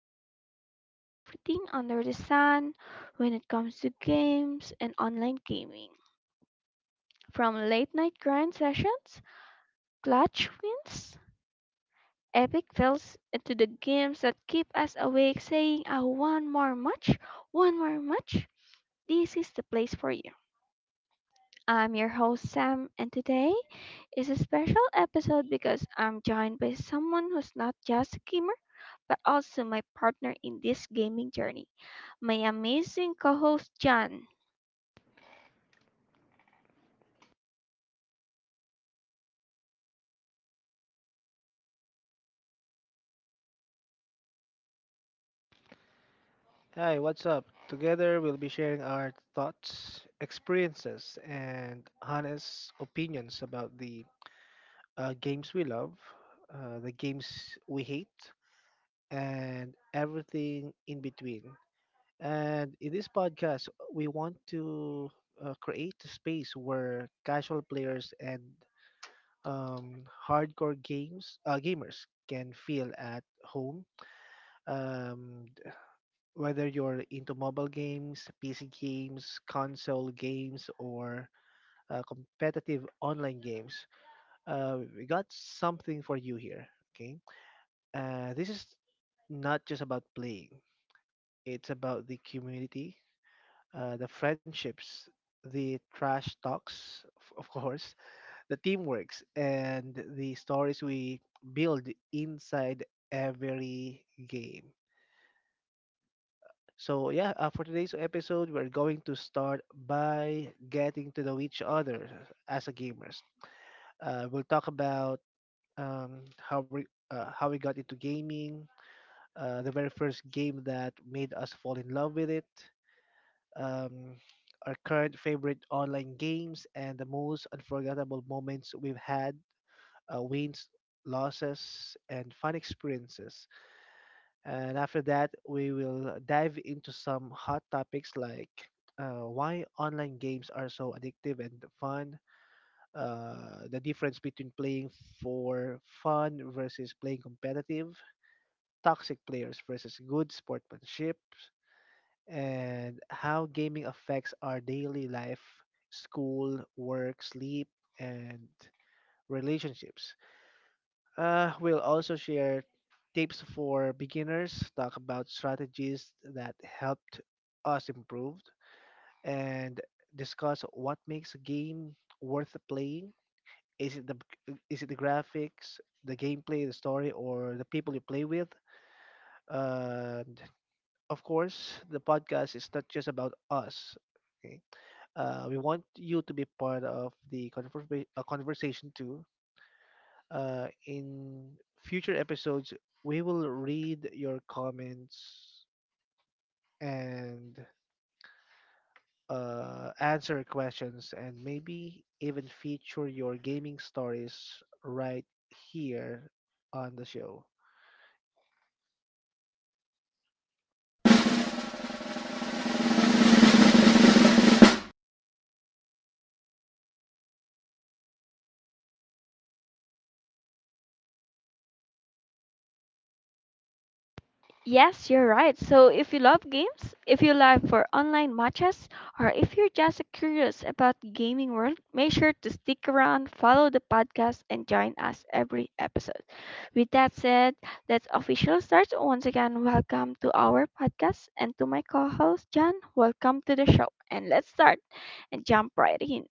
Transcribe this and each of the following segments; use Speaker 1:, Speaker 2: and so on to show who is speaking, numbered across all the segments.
Speaker 1: where we talk about everything under the sun when it comes to games and online gaming. From late night grind sessions, clutch wins, epic fails, and to the games that keep us awake saying, oh, one more match, one more match. This is the place for you. I'm your host Sam, and today is a special episode because I'm joined by someone who's not just a gamer, but also my partner in this gaming journey, my amazing co host, John.
Speaker 2: Hi, what's up? Together we'll be sharing our thoughts, experiences, and honest opinions about the games we love, the games we hate, and everything in between. And in this podcast, we want to create a space where casual players and um, hardcore games gamers can feel at home. Um, Whether you're into mobile games, PC games, console games, or competitive online games, we got something for you here. Okay, this is not just about playing; it's about the community, the friendships, the trash talks, of course, the teamworks, and the stories we build inside every game. So yeah, for today's episode, we're going to start by getting to know each other as a gamers. We'll talk about um, how we how we got into gaming, the very first game that made us fall in love with it, um, our current favorite online games, and the most unforgettable moments we've had, wins, losses, and fun experiences. And after that, we will dive into some hot topics like why online games are so addictive and fun, the difference between playing for fun versus playing competitive, toxic players versus good sportsmanship, and how gaming affects our daily life, school, work, sleep, and relationships. We'll also share tips for beginners, talk about strategies that helped us improve, and discuss what makes a game worth playing. Is it the graphics, the gameplay, the story, or the people you play with? And of course, the podcast is not just about us. Okay? We want you to be part of the conversation too. In future episodes, we will read your comments and answer questions and maybe even feature your gaming stories right here on the show.
Speaker 1: Yes, you're right. So if you love games, if you live for online matches, or if you're just curious about gaming world, make sure to stick around, follow the podcast, and join us every episode. With that said, let's officially start. Once again, welcome to our podcast and to my co-host John. Welcome to the show, and let's start and jump right in.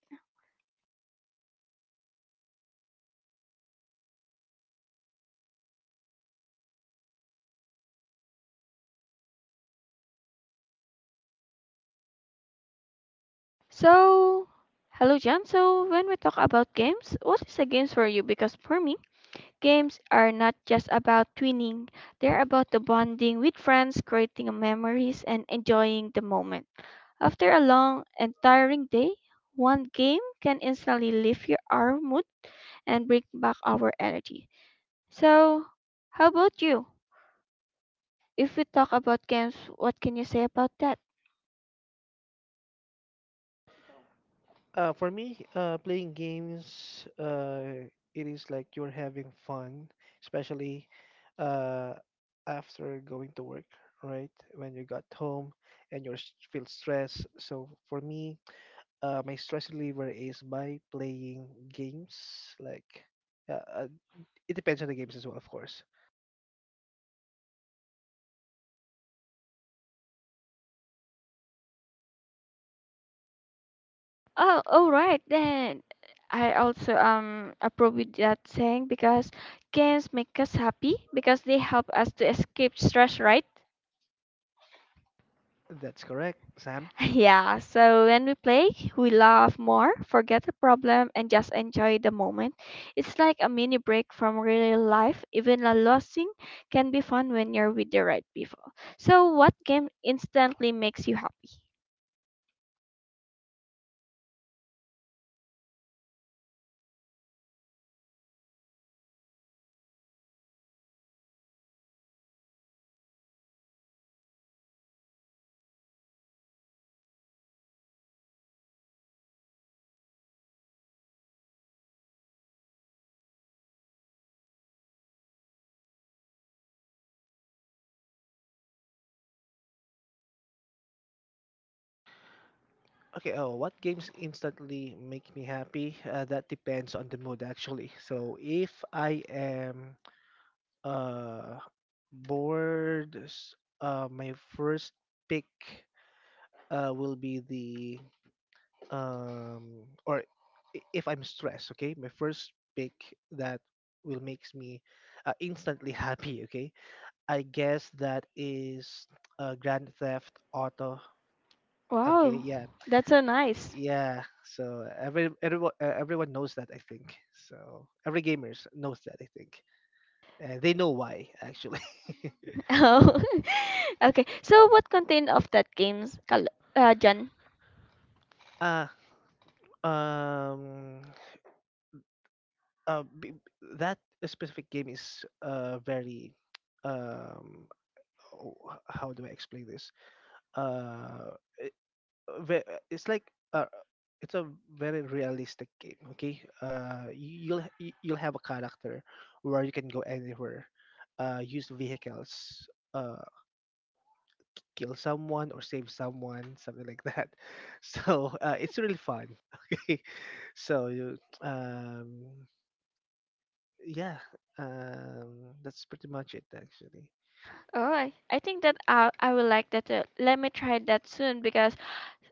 Speaker 1: So, hello John. So when we talk about games, what is the games for you? Because for me. Games are not just about winning, they're about the bonding with friends, creating memories, and enjoying the moment. After a long and tiring day, one game can instantly lift your, our mood and bring back our energy. So, how about you? If we talk about games, what can you say about that?
Speaker 2: For me, playing games, it is like you're having fun, especially uh, after going to work, right? When you got home and you are feel stressed. So for me, my stress reliever is by playing games. Like, uh, uh, it depends on the games as well, of course.
Speaker 1: Oh, all right then. I also approve with that saying because games make us happy because they help us to escape stress, right?
Speaker 2: That's correct, Sam.
Speaker 1: Yeah, so when we play, we laugh more, forget the problem, and just enjoy the moment. It's like a mini break from real life. Even a losing can be fun when you're with the right people. So, what game instantly makes you happy?
Speaker 2: Okay, oh, what games instantly make me happy? That depends on the mood, actually. So, if I am uh, bored, my first pick will be the or if I'm stressed, okay, my first pick that will makes me instantly happy, okay, I guess that is Grand Theft Auto. Okay,
Speaker 1: Wow,
Speaker 2: yeah.
Speaker 1: that's so nice.
Speaker 2: Yeah, so everyone everyone knows that, I think. So every gamers knows that, I think, and they know why actually.
Speaker 1: Oh, okay. So, what content of that games, John?
Speaker 2: uh um that specific game is very um, oh, how do I explain this? Uh, it- it's like it's a very realistic game. Okay, you'll you'll have a character where you can go anywhere, use vehicles, uh, kill someone or save someone, something like that. So it's really fun. Okay, so you yeah that's pretty much it actually.
Speaker 1: Oh, I think that I will like that. Let me try that soon because.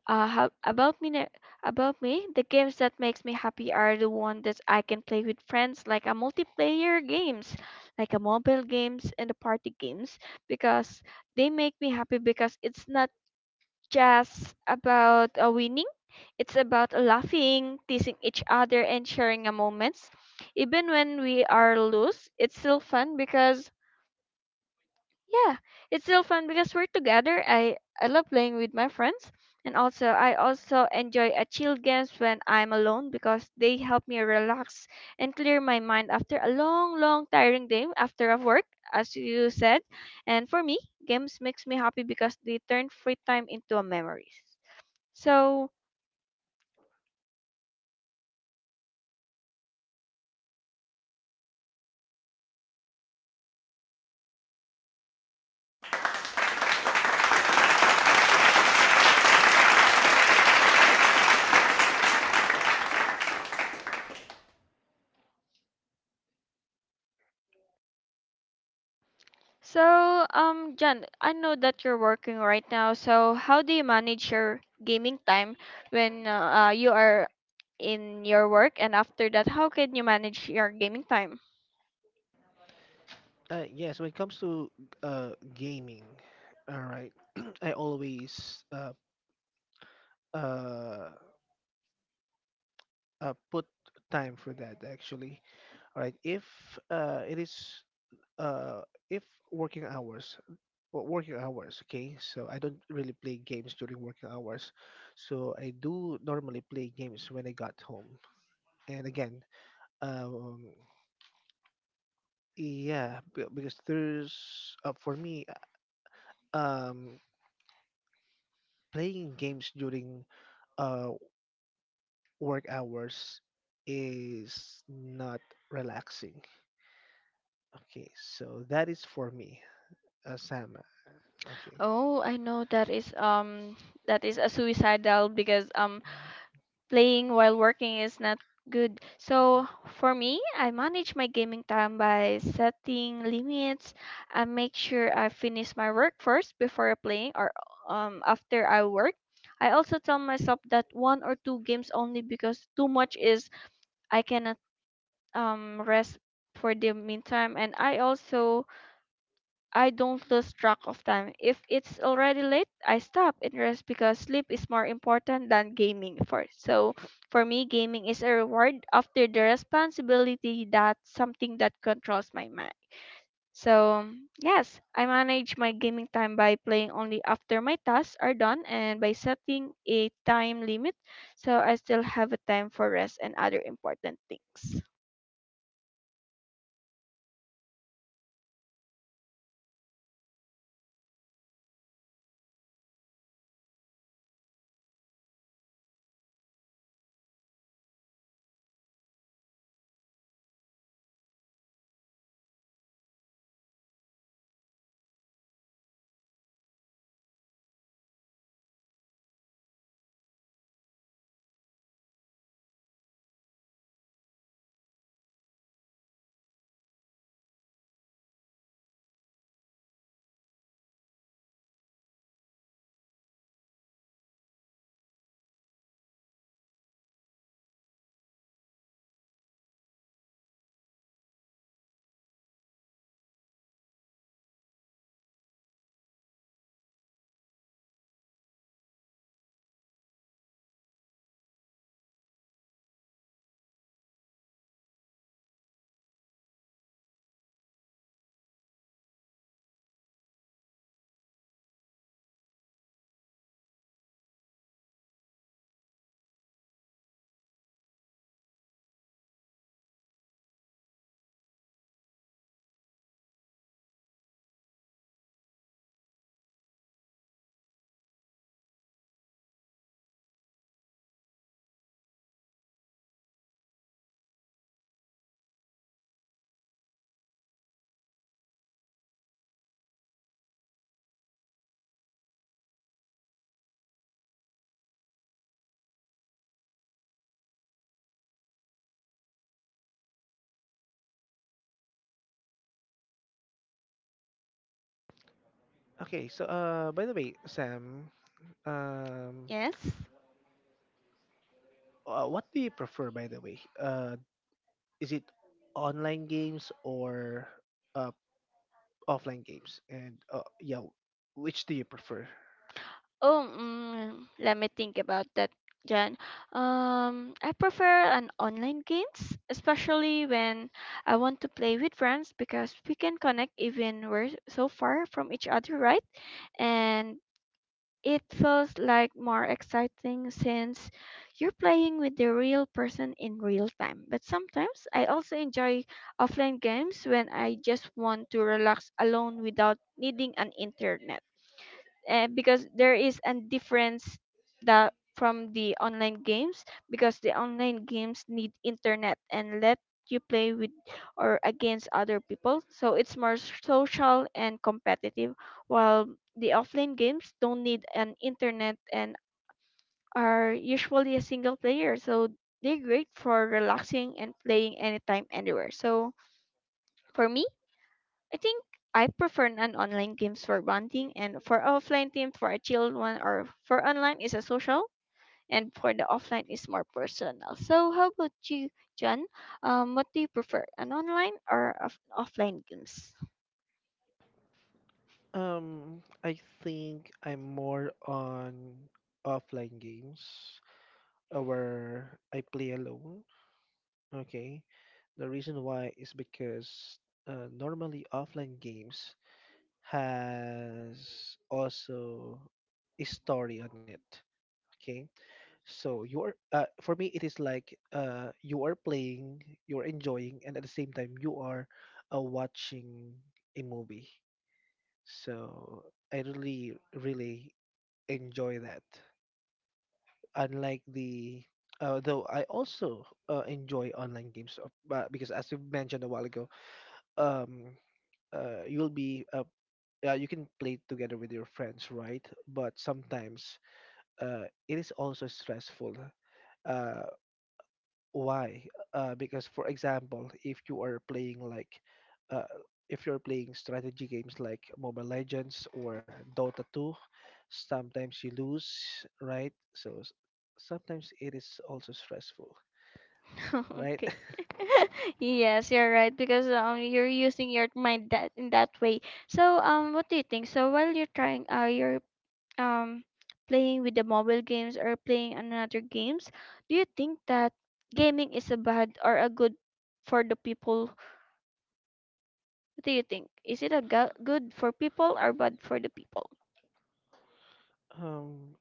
Speaker 1: How, about me, about me, the games that makes me happy are the one that I can play with friends, like a multiplayer games, like a mobile games and the party games, because they make me happy because it's not just about winning, it's about laughing, teasing each other, and sharing a moments. Even when we are loose, it's still fun because yeah, it's still fun because we're together. I love playing with my friends, and also I also enjoy a chill games when I'm alone because they help me relax and clear my mind after a long, long tiring day after of work, as you said. And for me, games makes me happy because they turn free time into a memories. So so John, I know that you're working right now. So how do you manage your gaming time when you are in your work and after that how can you manage your gaming time?
Speaker 2: Yes, when it comes to gaming, all right, I always uh, put time for that actually. All right, if it is uh if working hours, well, working hours, okay. So I don't really play games during working hours, so I do normally play games when I got home. And again, um, yeah, because there's for me, um, playing games during uh work hours is not relaxing. Okay, so that is for me, Sam. Okay.
Speaker 1: Oh, I know that is a suicidal because playing while working is not good. So for me, I manage my gaming time by setting limits. I make sure I finish my work first before playing, or after I work, I also tell myself that one or two games only because too much is I cannot rest for the meantime, and I also I don't lose track of time. If it's already late, I stop and rest because sleep is more important than gaming for. So for me, gaming is a reward after the responsibility that something that controls my mind. So yes, I manage my gaming time by playing only after my tasks are done and by setting a time limit so I still have a time for rest and other important things.
Speaker 2: Okay, so by the way, Sam, um
Speaker 1: Yes.
Speaker 2: what do you prefer, by the way? Is it online games or uh offline games? And yeah, which do you prefer?
Speaker 1: Oh, mm, let me think about that, Jan. I prefer an online games, especially when I want to play with friends because we can connect even we're so far from each other, right? And it feels like more exciting since you're playing with the real person in real time. But sometimes I also enjoy offline games when I just want to relax alone without needing an internet because there is a difference that from the online games because the online games need internet and let you play with or against other people so it's more social and competitive while the offline games don't need an internet and are usually a single player so they're great for relaxing and playing anytime anywhere so for me I think I prefer an online games for bonding and for offline team for a chilled one or for online is a social and for the offline is more personal. So how about you, John? What do you prefer, an online or offline games?
Speaker 2: I think I'm more on offline games where I play alone. Okay, the reason why is because normally offline games has also a story on it. Okay, so you are for me it is like you are playing, you are enjoying, and at the same time you are watching a movie. So I really enjoy that. Unlike the, though I also enjoy online games but because as you mentioned a while ago, um you'll be you can play together with your friends, right? But sometimes it is also stressful. uh, why? Because, for example, if you are playing like uh, if you're playing strategy games like Mobile Legends or Dota 2, sometimes you lose, right? Sometimes it is also stressful, right?
Speaker 1: Okay. Yes, you're right because you're using your mind that in that way. So what do you think? So while you're trying, you're um playing with the mobile games or playing another games, do you think that gaming is a bad or a good for the people? What do you think? Is it a good for people or bad for the people?
Speaker 2: um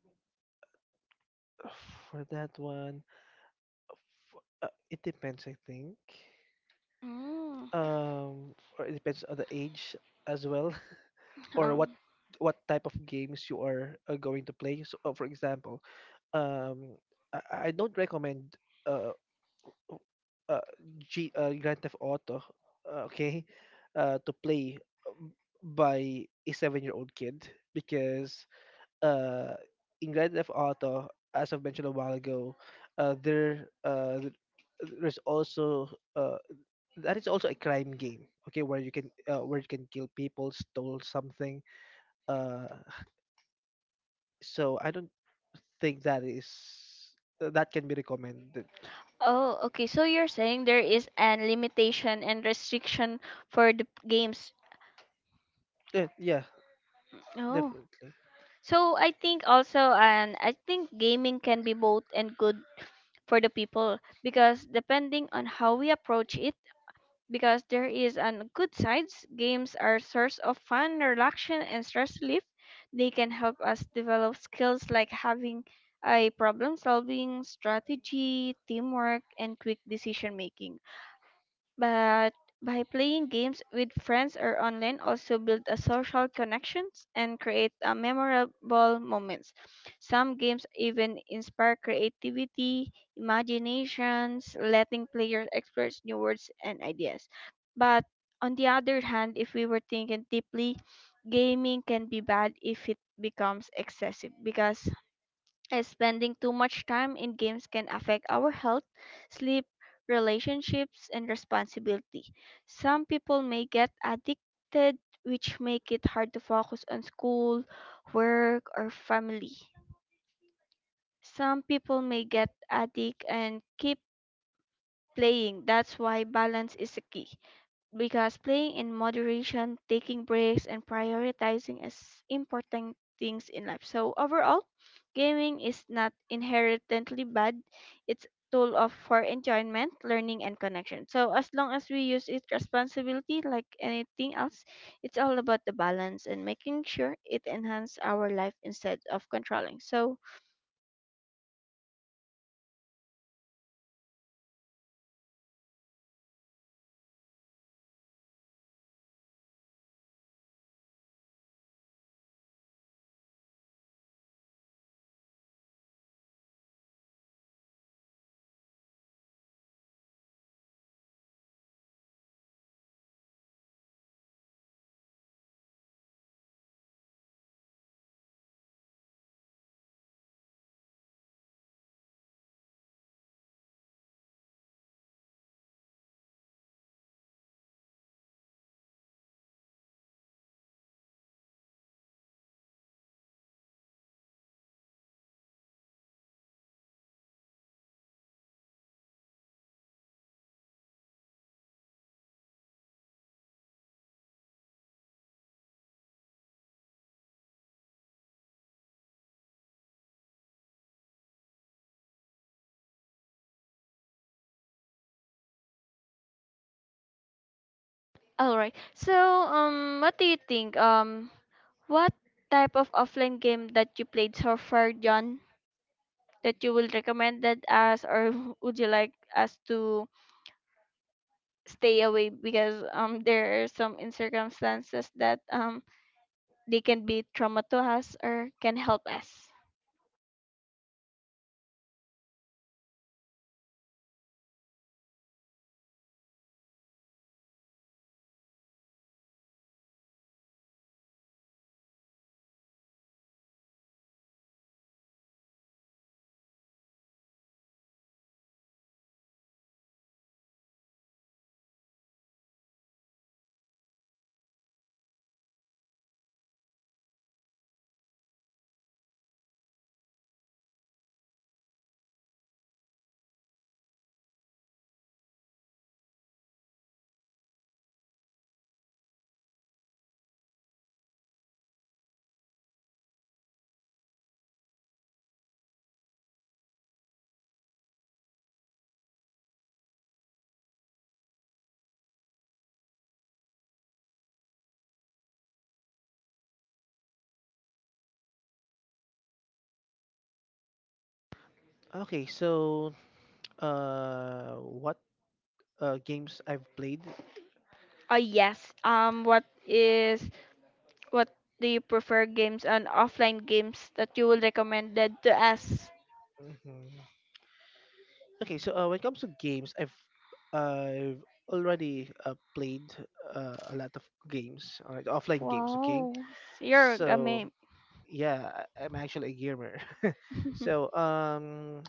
Speaker 2: for that one, it depends, I think.
Speaker 1: Mm,
Speaker 2: Or it depends on the age as well, or
Speaker 1: um,
Speaker 2: what type of games you are going to play. So for example, um I don't recommend uh o- uh, Grand Theft Auto, okay, to play um, by a 7-year old kid, because uh in Grand Theft Auto, as I've mentioned a while ago, uh there uh th- there's also uh that is also a crime game, okay, where you can kill people, stole something. uh so I don't think that is that can be recommended.
Speaker 1: oh, okay, so you're saying there is an limitation and restriction for the games.
Speaker 2: Yeah, yeah,
Speaker 1: Oh,
Speaker 2: definitely.
Speaker 1: so I think also and I think gaming can be both and good for the people because depending on how we approach it because there is an good sides. Games are source of fun, relaxation, and stress relief. They can help us develop skills like having a problem solving, strategy, teamwork, and quick decision making. But by playing games with friends or online also build a social connections and create a memorable moments. Some games even inspire creativity, imaginations, letting players explore new words and ideas. But on the other hand, if we were thinking deeply, gaming can be bad if it becomes excessive because as Spending too much time in games can affect our health, sleep, relationships, and responsibility. Some people may get addicted, which make it hard to focus on school, work, or family. Some people may get addicted and keep playing. That's why balance is a key because playing in moderation, taking breaks, and prioritizing is important things in life. So overall, gaming is not inherently bad. It's tool of for enjoyment, learning, and connection. So as long as we use it responsibility, like anything else, it's all about the balance and making sure it enhance our life instead of controlling. So all right. So what do you think? What type of offline game that you played so far, John? That you will recommend that us, or would you like us to stay away because there are some in circumstances that they can be trauma to us or can help us?
Speaker 2: Okay, so what games I've played?
Speaker 1: Yes, what is what do you prefer games on offline games that you will recommend that to us?
Speaker 2: Hmm. Okay, so when it comes to games, I've already played a lot of games, all right, offline games. Okay,
Speaker 1: Wow, you're a
Speaker 2: so
Speaker 1: meme.
Speaker 2: yeah, I'm actually a gamer. So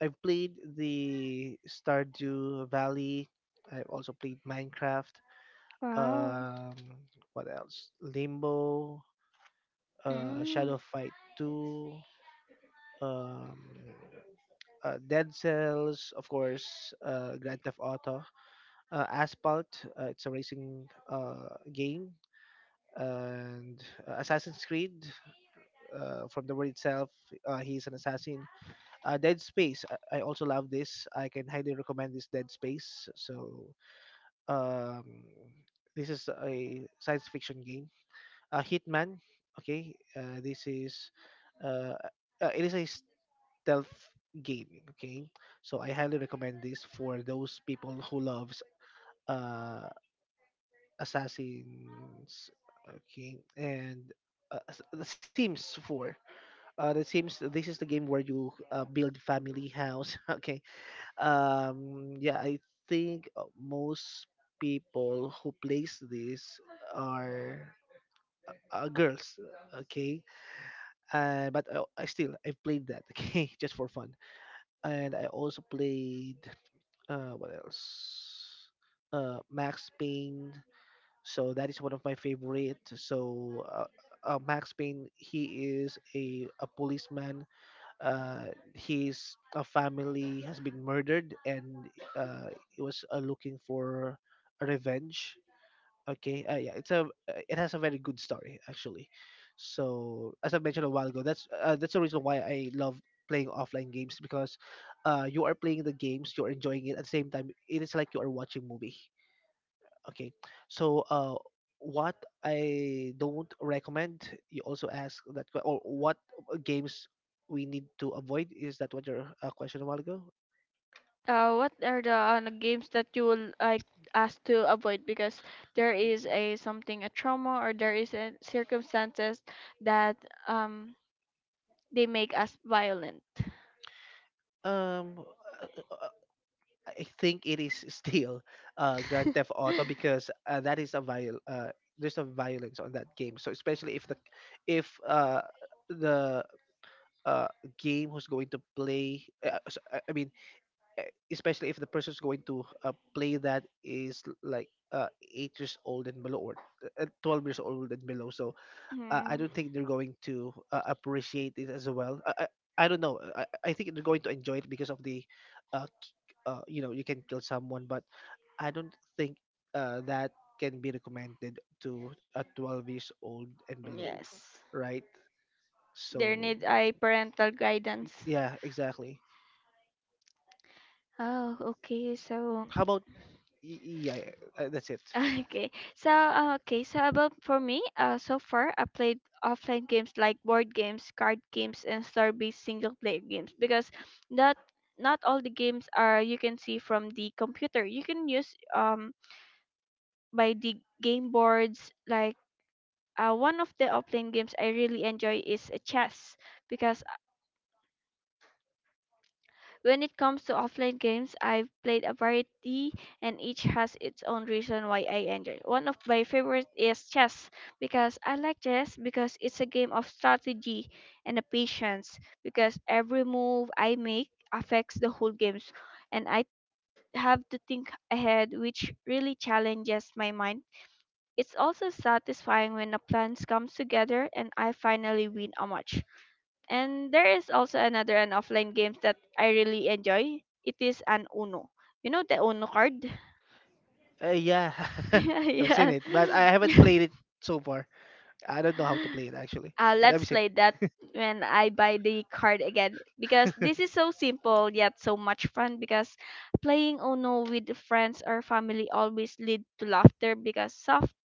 Speaker 2: I've played the Stardew Valley. I've also played Minecraft.
Speaker 1: Wow.
Speaker 2: Um, what else? Limbo,
Speaker 1: Mm.
Speaker 2: Shadow Fight 2, um, Dead Cells, of course, Grand Theft Auto, Asphalt, it's a racing game, and Assassin's Creed, from the word itself, he's an assassin. Dead Space, I also love this. I can highly recommend this Dead Space. So, um, this is a science fiction game. Hitman, okay, this is. Uh, it is a stealth gaming. Okay, so I highly recommend this for those people who loves uh assassins. Okay, and the Sims 4. The Sims. This is the game where you build family house. Okay. Yeah, I think most people who plays this are girls. Okay. But I still I've played that. Okay, just for fun. And I also played what else? Max Payne. So that is one of my favorite. So Max Payne, he is a policeman. Uh, his a family has been murdered, and uh, he was looking for revenge. Okay, yeah, it's a it has a very good story actually. So as I mentioned a while ago, that's the reason why I love playing offline games because you are playing the games, you're enjoying it at the same time. It is like you are watching movie. Okay, so what I don't recommend, you also ask that or what games we need to avoid. Is that what your question a while ago?
Speaker 1: What are the games that you would like us to avoid because there is a something a trauma or there is a circumstances that um they make us violent.
Speaker 2: Um, uh, I think it is still Grand Theft Auto because that is a there's a violence on that game. So especially if the uh, game who's going to play, I mean, especially if the person's going to play that is like 8 years old and below, or 12 years old and below. So I
Speaker 1: Mm,
Speaker 2: don't think they're going to appreciate it as well. I don't know. I think they're going to enjoy it because of the uh, you know, you can kill someone, but I don't think that can be recommended to a 12 years old and below,
Speaker 1: yes,
Speaker 2: right? So
Speaker 1: there need a parental guidance.
Speaker 2: yeah, exactly.
Speaker 1: Oh, okay. So
Speaker 2: How about y- yeah, yeah, that's it.
Speaker 1: okay. So, okay. So about for me, so far I played offline games like board games, card games, and story-based single-player games because that not all the games are you can see from the computer. You can use by the game boards. Like one of the offline games I really enjoy is chess because when it comes to offline games, I've played a variety and each has its own reason why I enjoy. One of my favorite is chess because I like chess because it's a game of strategy and a patience because every move I make affects the whole games and I have to think ahead which really challenges my mind. It's also satisfying when the plans come together and I finally win a match. And there is also another an offline games that I really enjoy. It is an Uno. You know the Uno card?
Speaker 2: Yeah. I've seen
Speaker 1: Yeah.
Speaker 2: it, but I haven't played it so far. I don't know how to play it actually. But
Speaker 1: Let's
Speaker 2: I've seen
Speaker 1: play that
Speaker 2: it.
Speaker 1: when I buy the card again because this is so simple yet so much fun because playing Uno with friends or family always lead to laughter because soft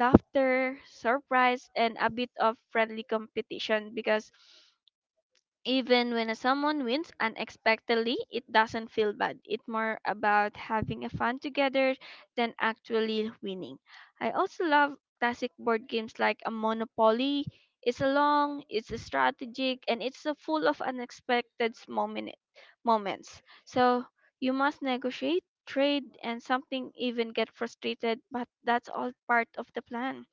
Speaker 1: laughter, surprise, and a bit of friendly competition because even when someone wins unexpectedly, it doesn't feel bad. It's more about having a fun together than actually winning. I also love classic board games like a Monopoly. It's a long, it's a strategic, and it's a full of unexpected moments. So you must negotiate, trade, and something even get frustrated, but that's all part of the plan.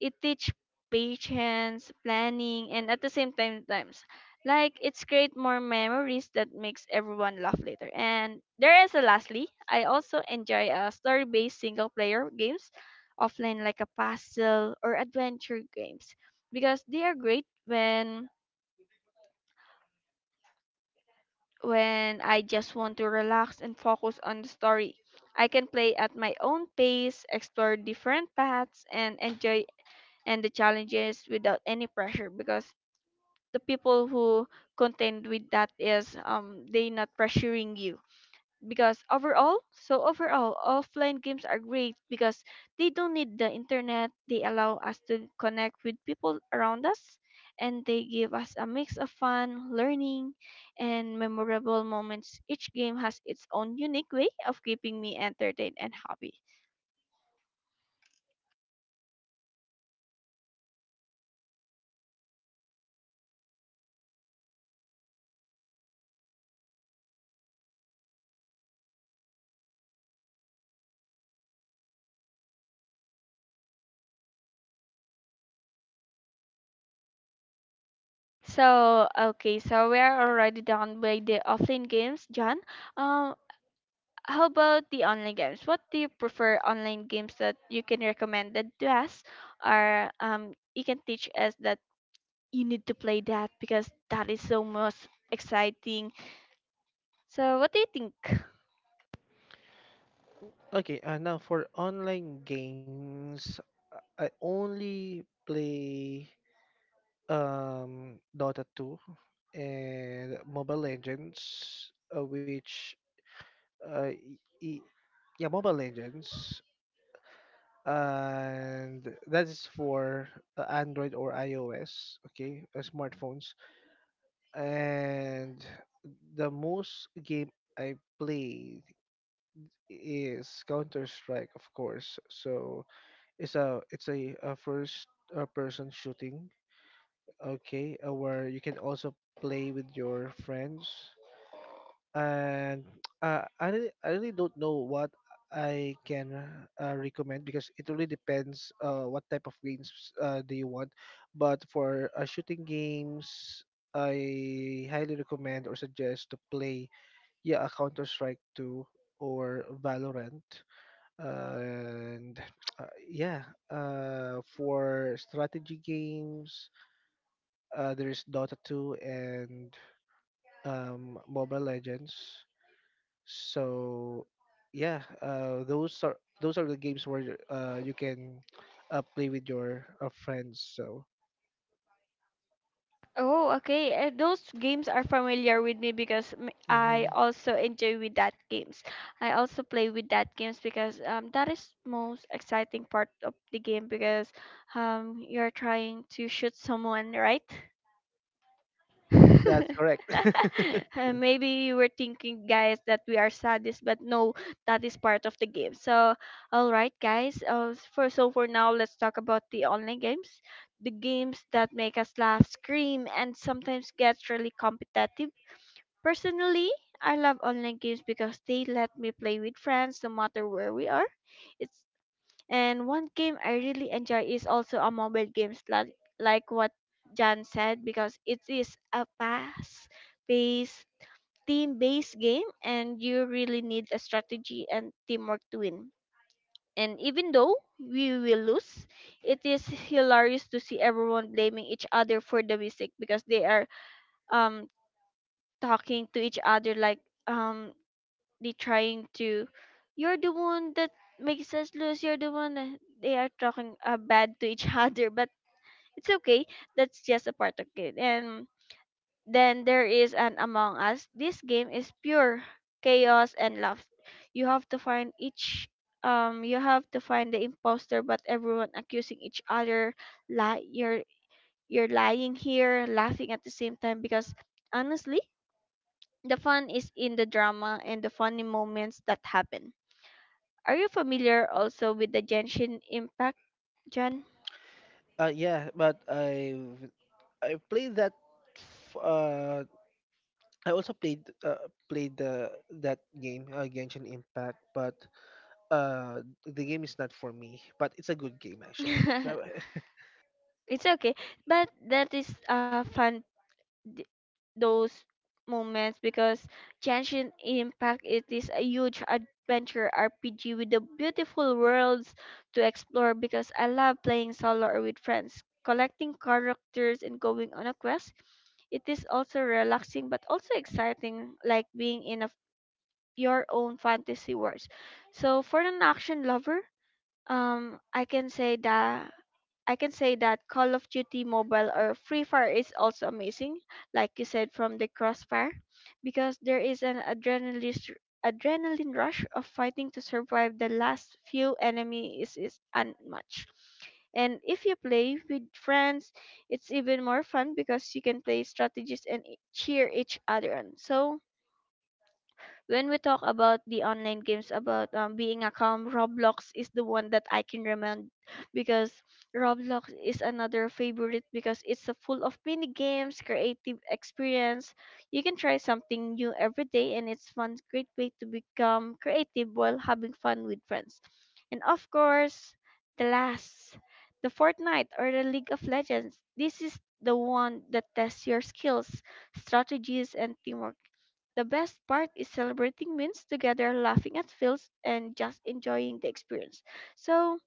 Speaker 1: It teach patience, planning, and at the same time times. Like it's create more memories that makes everyone laugh later. And there is a lastly, I also enjoy story-based single player games offline like a puzzle or adventure games because they are great when I just want to relax and focus on the story. I can play at my own pace, explore different paths and enjoy and the challenges without any pressure because the people who contend with that is they not pressuring you because overall offline games are great because they don't need the internet, they allow us to connect with people around us, and they give us a mix of fun, learning, and memorable moments. Each game has its own unique way of keeping me entertained and happy. So okay, so we are already done by the offline games, John. um how about the online games? What do you prefer? Online games that you can recommend that to us, or you can teach us that you need to play that because that is so most exciting. So, what do you think?
Speaker 2: Okay, now for online games, I only play Dota 2 and Mobile Legends, which uh y- y- yeah, Mobile Legends, and that is for Android or iOS, okay, smartphones. And the most game I played is Counter Strike, of course. So it's a first person shooting, okay, where you can also play with your friends. And I really don't know what I can recommend because it really depends what type of games do you want. But for shooting games, I highly recommend or suggest to play yeah a Counter Strike 2 or Valorant and uh, yeah for strategy games there's Dota 2 and Mobile Legends. So yeah, those are the games where you can play with your friends. So
Speaker 1: Oh, okay. Those games are familiar with me because I
Speaker 2: mhm.
Speaker 1: also enjoy with that games. I also play with that games because that is most exciting part of the game because you're trying to shoot someone, right?
Speaker 2: That's correct.
Speaker 1: Maybe you were thinking, guys, that we are sadists, but no, that is part of the game. So, all right, guys. For now, let's talk about the online games, the games that make us laugh, scream, and sometimes get really competitive. Personally, I love online games because they let me play with friends no matter where we are. And one game I really enjoy is also a mobile games like what Jan said, because it is a fast paced, team based game and you really need a strategy and teamwork to win. And even though we will lose, it is hilarious to see everyone blaming each other for the mistake because they are um talking to each other like they trying to, you're the one that makes us lose, you're the one that they are talking bad to each other. But it's okay, that's just a part of it. And then there is an Among Us. This game is pure chaos and love. You have to find each you have to find the imposter, but everyone accusing each other, lie, you're lying here laughing at the same time because honestly, the fun is in the drama and the funny moments that happen. Are you familiar also with the Genshin Impact, John?
Speaker 2: Yeah, but I played that f- uh I also played played the that game, Genshin Impact, but the game is not for me. But it's a good game actually.
Speaker 1: It's okay, but that is fun th- those moments because Genshin Impact, it is a huge adventure RPG with the beautiful worlds to explore because I love playing solo or with friends. Collecting characters and going on a quest, it is also relaxing but also exciting, like being in a your own fantasy words. So for an action lover, I can say that, Call of Duty Mobile or Free Fire is also amazing, like you said from the Crossfire, because there is an adrenaline rush of fighting to survive the last few enemies is unmatched. And if you play with friends, it's even more fun because you can play strategies and cheer each other on. So when we talk about the online games about being a calm, Roblox is the one that I can remember because Roblox is another favorite because it's a full of mini games, creative experience. You can try something new every day and it's fun, great way to become creative while having fun with friends. And of course, the last, the Fortnite or the League of Legends. This is the one that tests your skills, strategies, and teamwork. The best part is celebrating wins together, laughing at fails, and just enjoying the experience. So,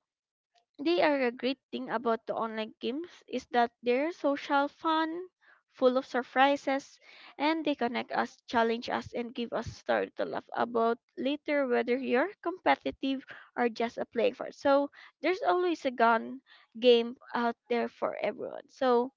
Speaker 1: they are a great thing about the online games is that they're social, fun, full of surprises, and they connect us, challenge us, and give us a story to laugh about later, whether you're competitive or just a playing for. So, there's always a gun game out there for everyone. So,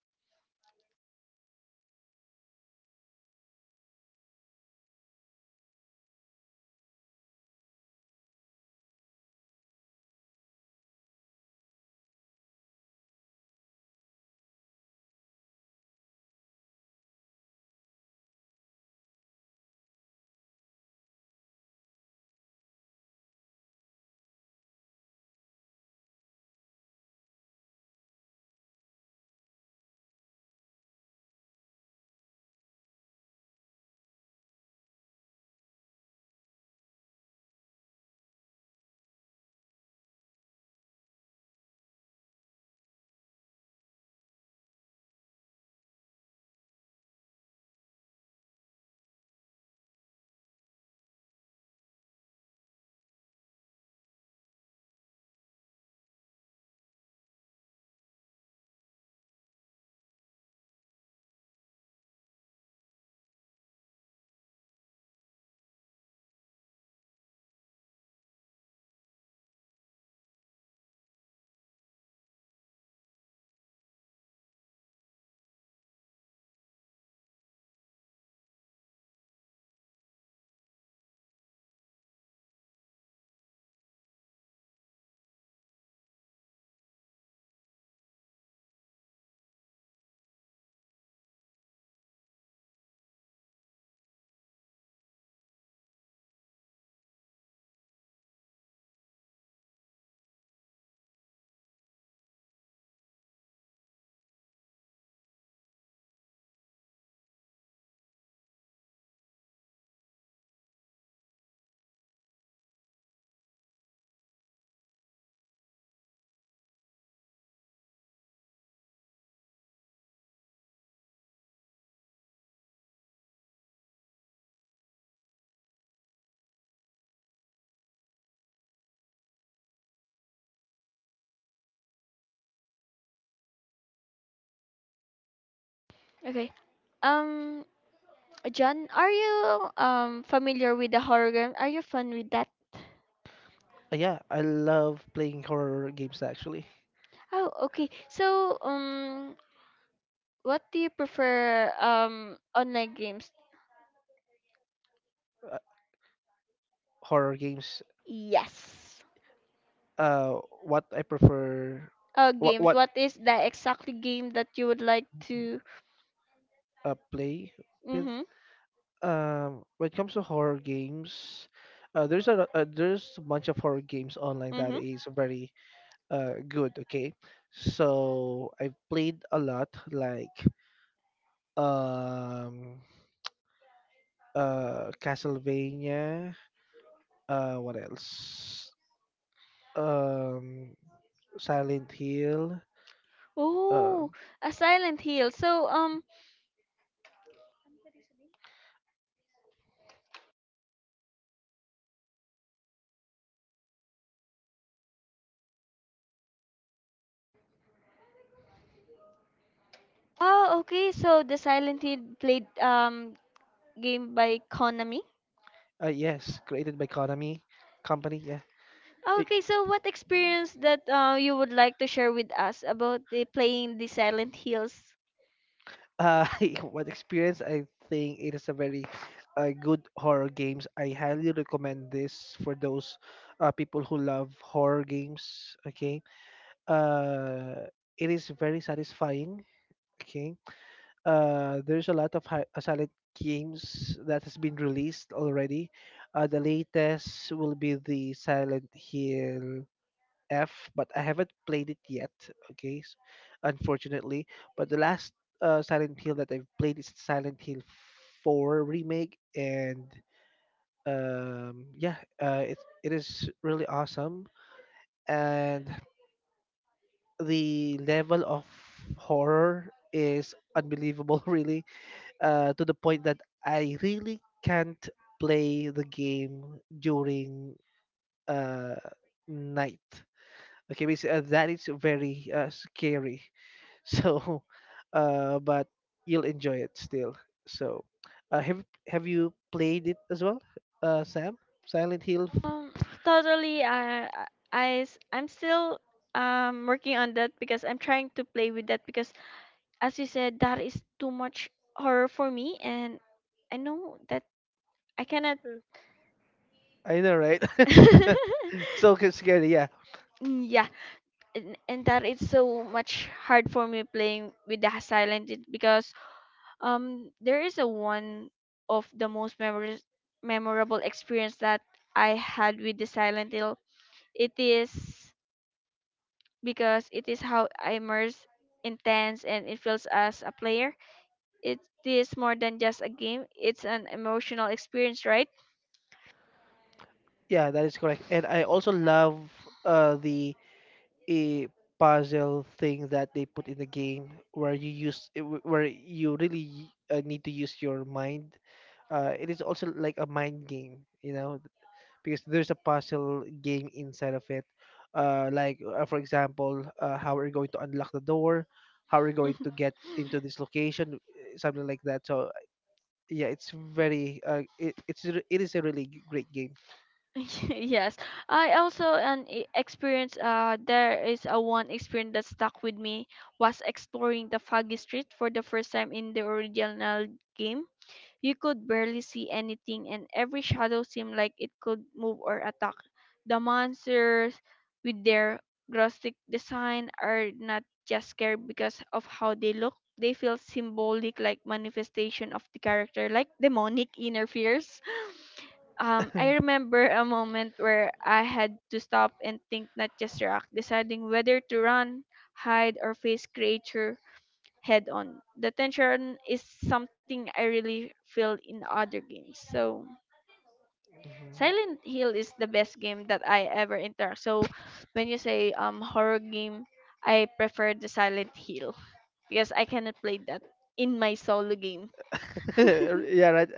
Speaker 1: okay. Um, John, are you familiar with the horror game? Are you fun with that?
Speaker 2: yeah, I love playing horror games actually.
Speaker 1: Oh, okay. So, what do you prefer online games?
Speaker 2: Uh, horror games.
Speaker 1: Yes.
Speaker 2: What I prefer.
Speaker 1: Games.
Speaker 2: What
Speaker 1: What is the exactly game that you would like to?
Speaker 2: Play with.
Speaker 1: Mhm.
Speaker 2: When it comes to horror games, there's a bunch of horror games online that
Speaker 1: Mhm.
Speaker 2: is very good. Okay, so I've played a lot, like um, Castlevania. What else? Um, Silent Hill. Uh,
Speaker 1: Oh, a Silent Hill. So, oh, okay. So the Silent Hill played game by Konami.
Speaker 2: yes, created by Konami company. Yeah. It-
Speaker 1: Okay, so what experience that you would like to share with us about the playing the Silent Hills?
Speaker 2: uh what experience? I think it is a very good horror games. I highly recommend this for those people who love horror games. Okay, uh it is very satisfying. Okay, there's a lot of hi- silent games that has been released already. The latest will be the Silent Hill F, but I haven't played it yet. Okay, s- Unfortunately. But the last Silent Hill that I've played is Silent Hill 4 remake, and yeah, it is really awesome, and the level of horror is unbelievable, really, to the point that I really can't play the game during uh night. Okay, because that is very scary. So but you'll enjoy it still. So have you played it as well, Sam? Silent Hill?
Speaker 1: Um, totally. I, I am still working on that because I'm trying to play with that because, as you said, that is too much horror for me, and I know that I cannot.
Speaker 2: I know, right? So scary, yeah.
Speaker 1: Yeah, and that is so much hard for me playing with the silent it because there is a one of the most memorable memorable experience that I had with the Silent Hill. It is, because it is how I immerse, intense, and it feels as a player. It is more than just a game, it's an emotional experience, right?
Speaker 2: Yeah, that is correct. And I also love the a puzzle thing that they put in the game, where you use eh, wh- where you really need to use your mind. It is also like a mind game, you know, because there's a puzzle game inside of it. Like for example, how we're going to unlock the door, how we're going to get into this location, something like that. So yeah, it's very it is a really great game.
Speaker 1: Yes, I also an experience, there is a one experience that stuck with me was exploring the foggy street for the first time in the original game. You could barely see anything, and every shadow seemed like it could move or attack. The monsters, with their grotesque design, are not just scary because of how they look. They feel symbolic, like manifestation of the character, like demonic inner fears. I remember a moment where I had to stop and think, not just react, deciding whether to run, hide, or face creature head on. The tension is something I really feel in other games. So Silent Hill is the best game that I ever interact. So when you say horror game, I prefer the Silent Hill because I cannot play that in my solo game.
Speaker 2: Yeah, right.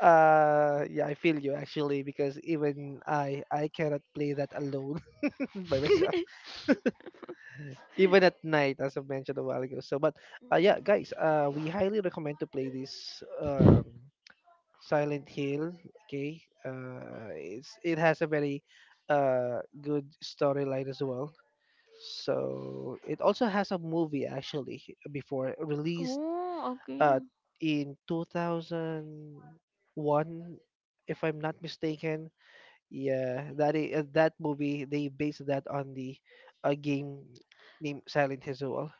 Speaker 2: Yeah, I feel you actually, because even I cannot play that alone by myself, even at night, as I mentioned a while ago. So, but yeah, guys, we highly recommend to play this Silent Hill. Okay, it has a very good storyline as well. So it also has a movie actually before released
Speaker 1: Oh,
Speaker 2: uh
Speaker 1: okay.
Speaker 2: in 2001, if I'm not mistaken. Yeah, that movie they based that on the a game named Silent Hill.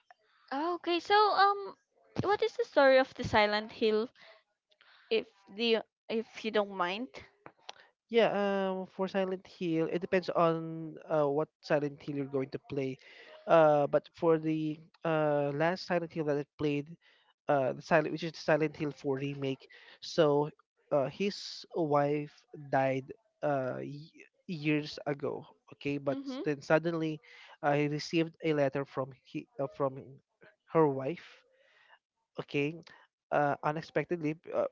Speaker 1: Ah, okay. So, what is the story of the Silent Hill, if the if you don't mind?
Speaker 2: Yeah, for Silent Hill, it depends on what Silent Hill you're going to play. But for the last Silent Hill that I played, the Silent Hill 4 remake, so his wife died uh, y- years ago. Okay, but
Speaker 1: Mm-hmm.
Speaker 2: then suddenly I received a letter from her wife. Okay, unexpectedly,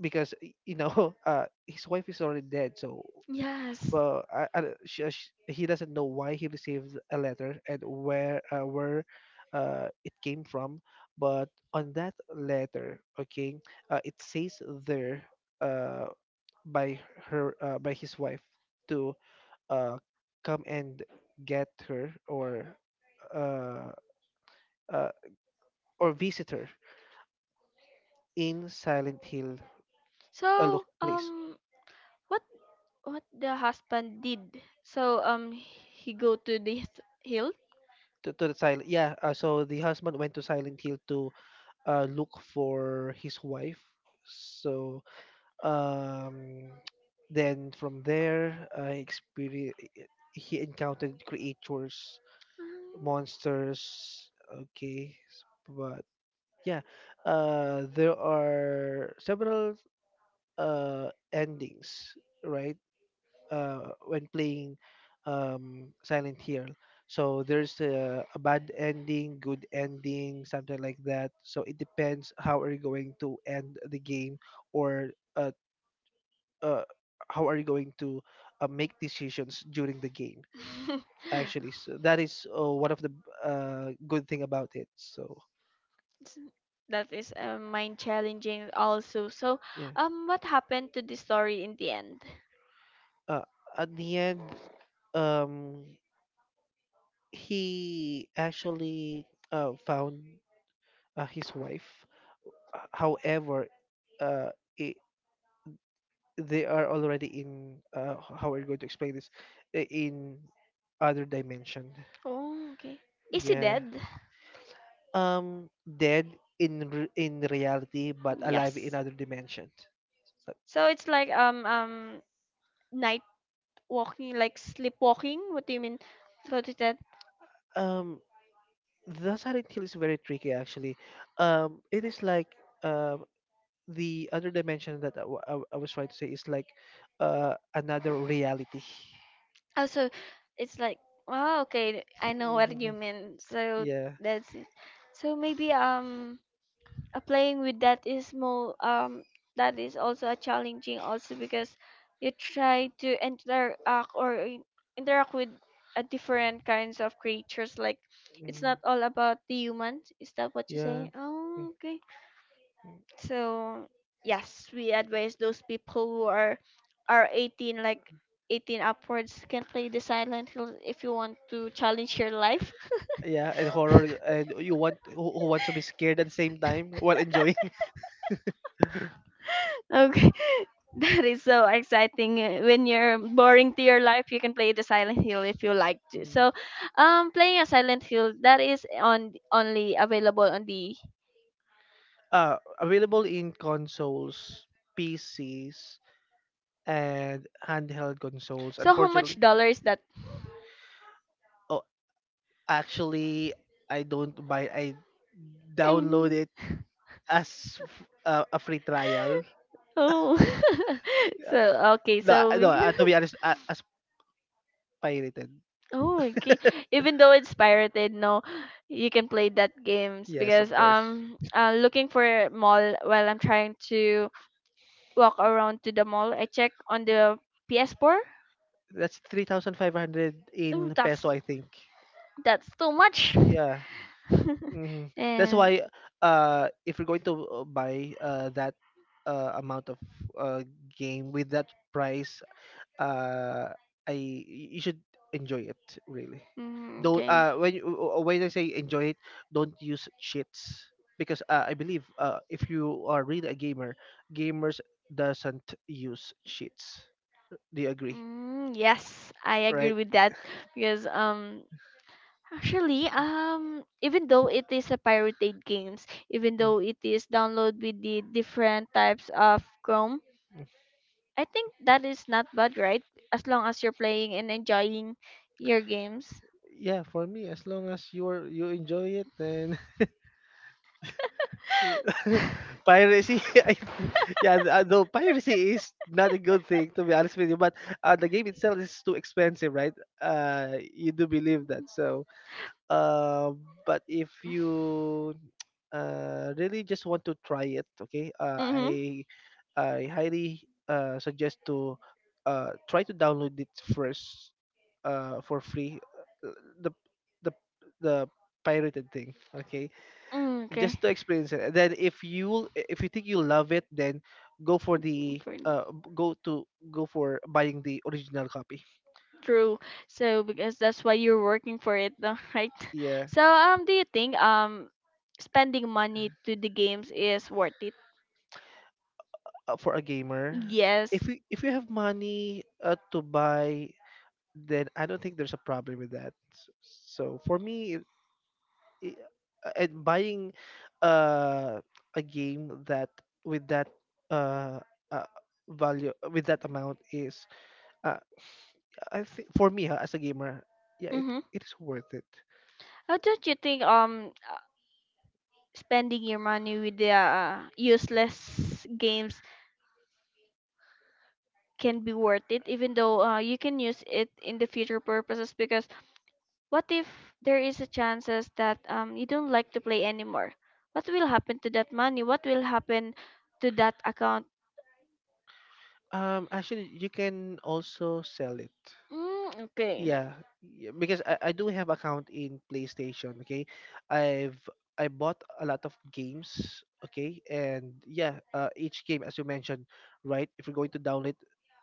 Speaker 2: because you know, his wife is already dead, so
Speaker 1: Yes.
Speaker 2: well, I, don't- she, he doesn't know why he received a letter and where it came from. But on that letter, okay, it says there uh, by by his wife to uh, come and get her, uh, uh, or visit her in Silent Hill, a look
Speaker 1: So,
Speaker 2: place.
Speaker 1: what the husband did? So, he go to this hill.
Speaker 2: To, to the silent yeah uh, so the husband went to Silent Hill to look for his wife. So um, then from there, experience he encountered creatures,
Speaker 1: Um,
Speaker 2: monsters. But yeah, there are several endings, right, when playing Silent Hill. So there's a bad ending, good ending, something like that. So it depends how are you going to end the game, or uh, uh, how are you going to make decisions during the game actually. So that is one of the good thing about it. So
Speaker 1: s- that is mind challenging also. So,
Speaker 2: yeah,
Speaker 1: what happened to the story in the end?
Speaker 2: uh, at the end, um, he actually found his wife. However, uh, I they are already in how we're going to explain this, in other dimension.
Speaker 1: Oh, okay. Is he
Speaker 2: Yeah,
Speaker 1: dead?
Speaker 2: um, dead in in reality, but alive in
Speaker 1: Yes.
Speaker 2: other dimensions. So,
Speaker 1: So it's like night walking, like sleepwalking, what do you mean, what is that?
Speaker 2: um, the Silent Hill is very tricky actually. It is like um, the other dimension that I was trying to say is like another reality.
Speaker 1: Also it's like, oh okay, I know what you
Speaker 2: Mhm.
Speaker 1: mean. So
Speaker 2: Yeah.
Speaker 1: that's it. So maybe playing with that is more that is also a challenging also because you try to interact interact with a different kinds of creatures like, it's
Speaker 2: Mm.
Speaker 1: not all about the humans, is that what you
Speaker 2: Yeah.
Speaker 1: say? Oh okay.
Speaker 2: Mm.
Speaker 1: So yes, we advise those people who are 18, like 18 upwards, can play the Silent Hill if you want to challenge your life.
Speaker 2: Yeah, and horror, and you want, who wants to be scared at the same time while enjoying.
Speaker 1: Okay, that is so exciting. When you're boring to your life, you can play the Silent Hill if you like to.
Speaker 2: Mm.
Speaker 1: So, playing a Silent Hill that is on only available on the.
Speaker 2: Available in consoles, PCs, and handheld consoles.
Speaker 1: So how much
Speaker 2: Unfortunately,
Speaker 1: dollar is that?
Speaker 2: oh, actually, I don't buy. I download
Speaker 1: Mm.
Speaker 2: it as a free trial.
Speaker 1: Oh, so okay,
Speaker 2: No,
Speaker 1: so
Speaker 2: no.
Speaker 1: we.
Speaker 2: To be honest, as pirated.
Speaker 1: Oh, okay. Even though it's pirated, no, you can play that games
Speaker 2: Yes,
Speaker 1: because
Speaker 2: of course.
Speaker 1: looking for a mall while I'm trying to walk around to the mall. I check on the PS4.
Speaker 2: That's 3,500
Speaker 1: Oh,
Speaker 2: in peso, I think.
Speaker 1: that's too much.
Speaker 2: Yeah. hmm That's
Speaker 1: And
Speaker 2: why if you're going to buy that amount of uh game with that price, uh you should enjoy it really.
Speaker 1: mm,
Speaker 2: Don't
Speaker 1: okay.
Speaker 2: when you, When I say enjoy it, don't use cheats, because I believe if you are really a gamer, gamers doesn't use cheats. Do you agree,
Speaker 1: Mm, yes, I agree
Speaker 2: right?
Speaker 1: with that because actually, even though it is a pirated games, even
Speaker 2: Mm.
Speaker 1: though it is download with the different types of Chrome, I think that is not bad, right? As long as you're playing and enjoying your games.
Speaker 2: Yeah, for me, as long as you enjoy it, then piracy. Yeah, though piracy is not a good thing, to be honest with you, but the game itself is too expensive, right? You do believe that, so uh, but if you really just want to try it. Okay,
Speaker 1: Mm-hmm.
Speaker 2: I highly suggest to try to download it first for free. uh, The the the pirated thing. Okay,
Speaker 1: Mm, okay.
Speaker 2: just to experience it. And then if you think you love it, then go for the
Speaker 1: For,
Speaker 2: uh, b- go to go for buying the original copy.
Speaker 1: true. So because that's why you're working for it, no? Right?
Speaker 2: Yeah.
Speaker 1: So do you think spending money to the games is worth it?
Speaker 2: For a gamer,
Speaker 1: Yes.
Speaker 2: if you have money to buy, then I don't think there's a problem with that. So for me, it, and buying uh, a game that with that uh, uh, value with that amount is, uh, I think, for me, as a gamer, yeah, it,
Speaker 1: Mm-hmm.
Speaker 2: it is worth it.
Speaker 1: How don't you think spending your money with the useless games can be worth it even though you can use it in the future purposes because what if there is a chances that you don't like to play anymore? What will happen to that money? What will happen to that account?
Speaker 2: Actually, you can also sell it.
Speaker 1: Mm, okay.
Speaker 2: Yeah, yeah, because I do have account in PlayStation. Okay, I've I bought a lot of games. Okay, and yeah, each game, as you mentioned, right? If you're going to download,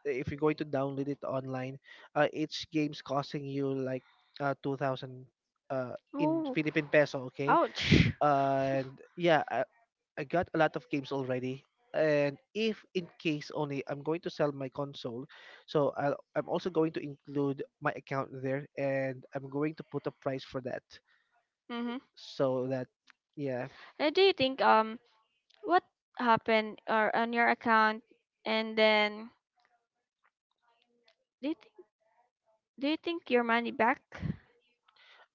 Speaker 2: If you're going to download it online, each game's costing you like 2,000 in
Speaker 1: Oh,
Speaker 2: Philippine peso. Okay,
Speaker 1: ouch.
Speaker 2: and yeah, I got a lot of games already. And if in case only I'm going to sell my console, so I'm also going to include my account there, and I'm going to put a price for that,
Speaker 1: Mm-hmm.
Speaker 2: so that yeah.
Speaker 1: Do you think what happened or on your account and then do you think, do you think your money back?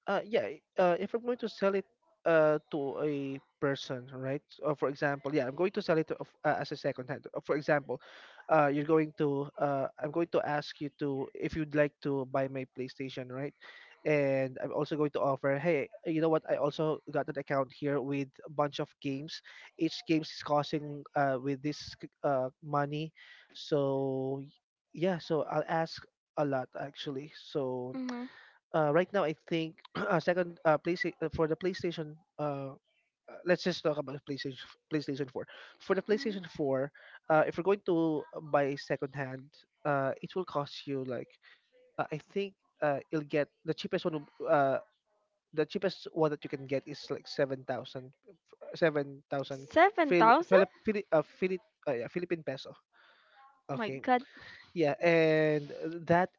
Speaker 2: Uh if I'm going to sell it to a person, right, for example, yeah, I'm going to sell it to, as a second hand. For example, you're going to I'm going to ask you to, if you'd like to buy my PlayStation, right? And I'm also going to offer, hey, you know what, I also got an account here with a bunch of games. Each games is costing with this money. so y- yeah, so I'll ask a lot actually. So
Speaker 1: Mm-hmm.
Speaker 2: right now I think second place for the PlayStation. Let's just talk about PlayStation 4. For the PlayStation 4, if you're going to buy second hand, it will cost you like, I think, you'll get the cheapest one. Will- the cheapest one that you can get is like 7,000, 7,000
Speaker 1: Seven
Speaker 2: Phil,
Speaker 1: thousand?
Speaker 2: Philip, Philip, Philip, yeah, Philippine peso.
Speaker 1: Oh my
Speaker 2: Okay.
Speaker 1: God.
Speaker 2: Yeah, and that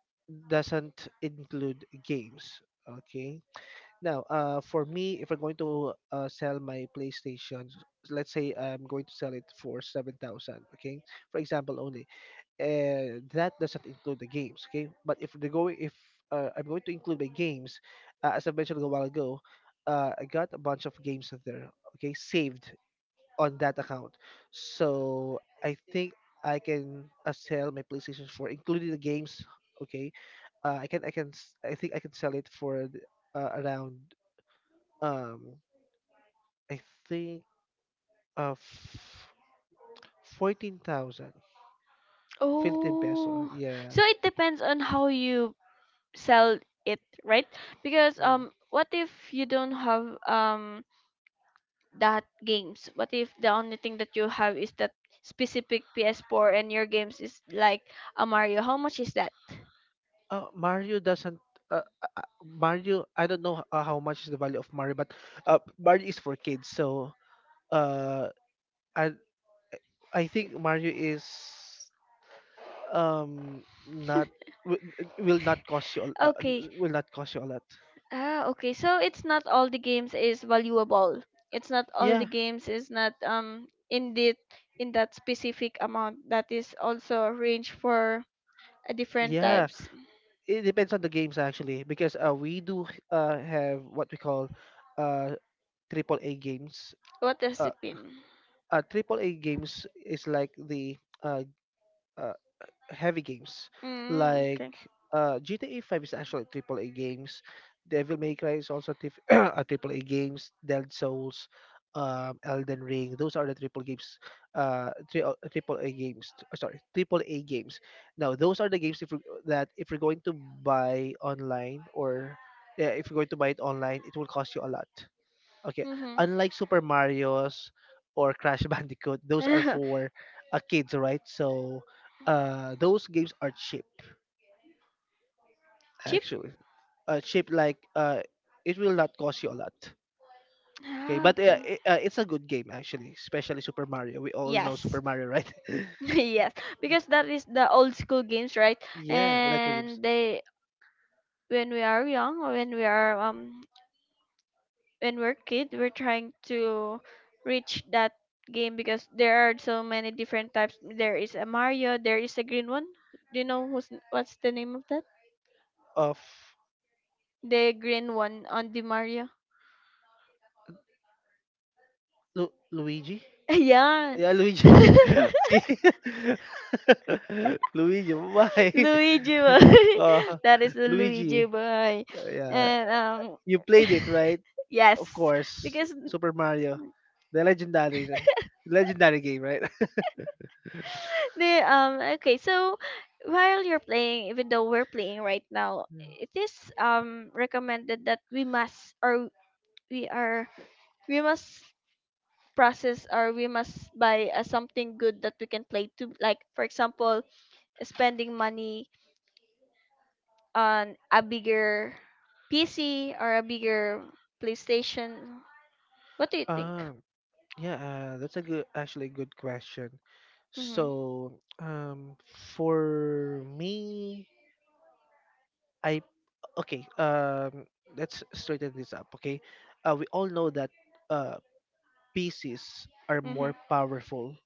Speaker 2: doesn't include games. Okay now, for me, if I'm going to sell my PlayStation, let's say I'm going to sell it for 7,000, okay? For example only. That doesn't include the games, okay? But if the going if I'm going to include my games, as I mentioned a while ago, I got a bunch of games there, okay, saved on that account. So I think I can sell my PlayStation 4, including the games, okay? Uh, I think I can sell it for around um, I think, of 14,000 Philippine peso.
Speaker 1: Oh,
Speaker 2: Yeah.
Speaker 1: so it depends on how you sell it, right? Because
Speaker 2: Mm.
Speaker 1: what if you don't have that games? What if the only thing that you have is that specific PS4 and your games is like a Mario? How much is that?
Speaker 2: Oh, Mario doesn't. Mario, I don't know how much is the value of Mario, but Mario is for kids. So, uh, I I think Mario is not wi- will not cost you
Speaker 1: Okay,
Speaker 2: will not cost you a lot.
Speaker 1: ah, okay. So it's not all the games is valuable. It's not all the
Speaker 2: Yeah,
Speaker 1: games is not in that specific amount that is also arranged for a different
Speaker 2: yeah.
Speaker 1: types.
Speaker 2: It depends on the games actually, because we do have what we call uh triple A games.
Speaker 1: What has
Speaker 2: Uh,
Speaker 1: it been?
Speaker 2: Triple A games is like the uh, uh heavy games.
Speaker 1: Mm,
Speaker 2: Like
Speaker 1: okay.
Speaker 2: GTA 5 is actually triple A games. Devil May Cry is also a AAA games. Dead Souls, Elden Ring. Those are the triple games. AAA games. Sorry, AAA games. Now those are the games if we, that if you're going to buy online or, yeah, if you're going to buy it online, it will cost you a lot. Okay,
Speaker 1: Mm-hmm.
Speaker 2: unlike Super Mario's or Crash Bandicoot, those are for kids, right? So those games are cheap,
Speaker 1: Cheap?
Speaker 2: actually. Cheap, like it will not cost you a lot. Okay,
Speaker 1: Ah,
Speaker 2: but
Speaker 1: okay.
Speaker 2: I it's a good game actually, especially Super Mario. We all know
Speaker 1: Yes.
Speaker 2: Super Mario, right?
Speaker 1: Yes. Because that is the old school games, right?
Speaker 2: Yeah, retro games.
Speaker 1: And they when we are young, when we're kid, we're trying to reach that game because there are so many different types. There is a Mario, there is a green one. Do you know who's what's the name of that,
Speaker 2: Of.
Speaker 1: the green one on the Mario?
Speaker 2: Luigi.
Speaker 1: Yeah.
Speaker 2: Yeah, Luigi. See? Luigi, why?
Speaker 1: Luigi boy.
Speaker 2: uh,
Speaker 1: That is the Luigi
Speaker 2: Luigi.
Speaker 1: boy.
Speaker 2: Yeah.
Speaker 1: And
Speaker 2: You played it, right? Of
Speaker 1: yes,
Speaker 2: course.
Speaker 1: because
Speaker 2: Super Mario. The legendary game, right?
Speaker 1: the okay, so while you're playing, even though we're playing right now, it is recommended that we must or we are we must process or we must buy something good that we can play to, like for example, spending money on a bigger PC or a bigger PlayStation. What do
Speaker 2: Yeah.
Speaker 1: you think?
Speaker 2: Yeah, that's a good, actually good question.
Speaker 1: Mm-hmm.
Speaker 2: So, for me, I okay. Let's straighten this up. Okay, we all know that uh, PCs are
Speaker 1: Mm-hmm.
Speaker 2: more powerful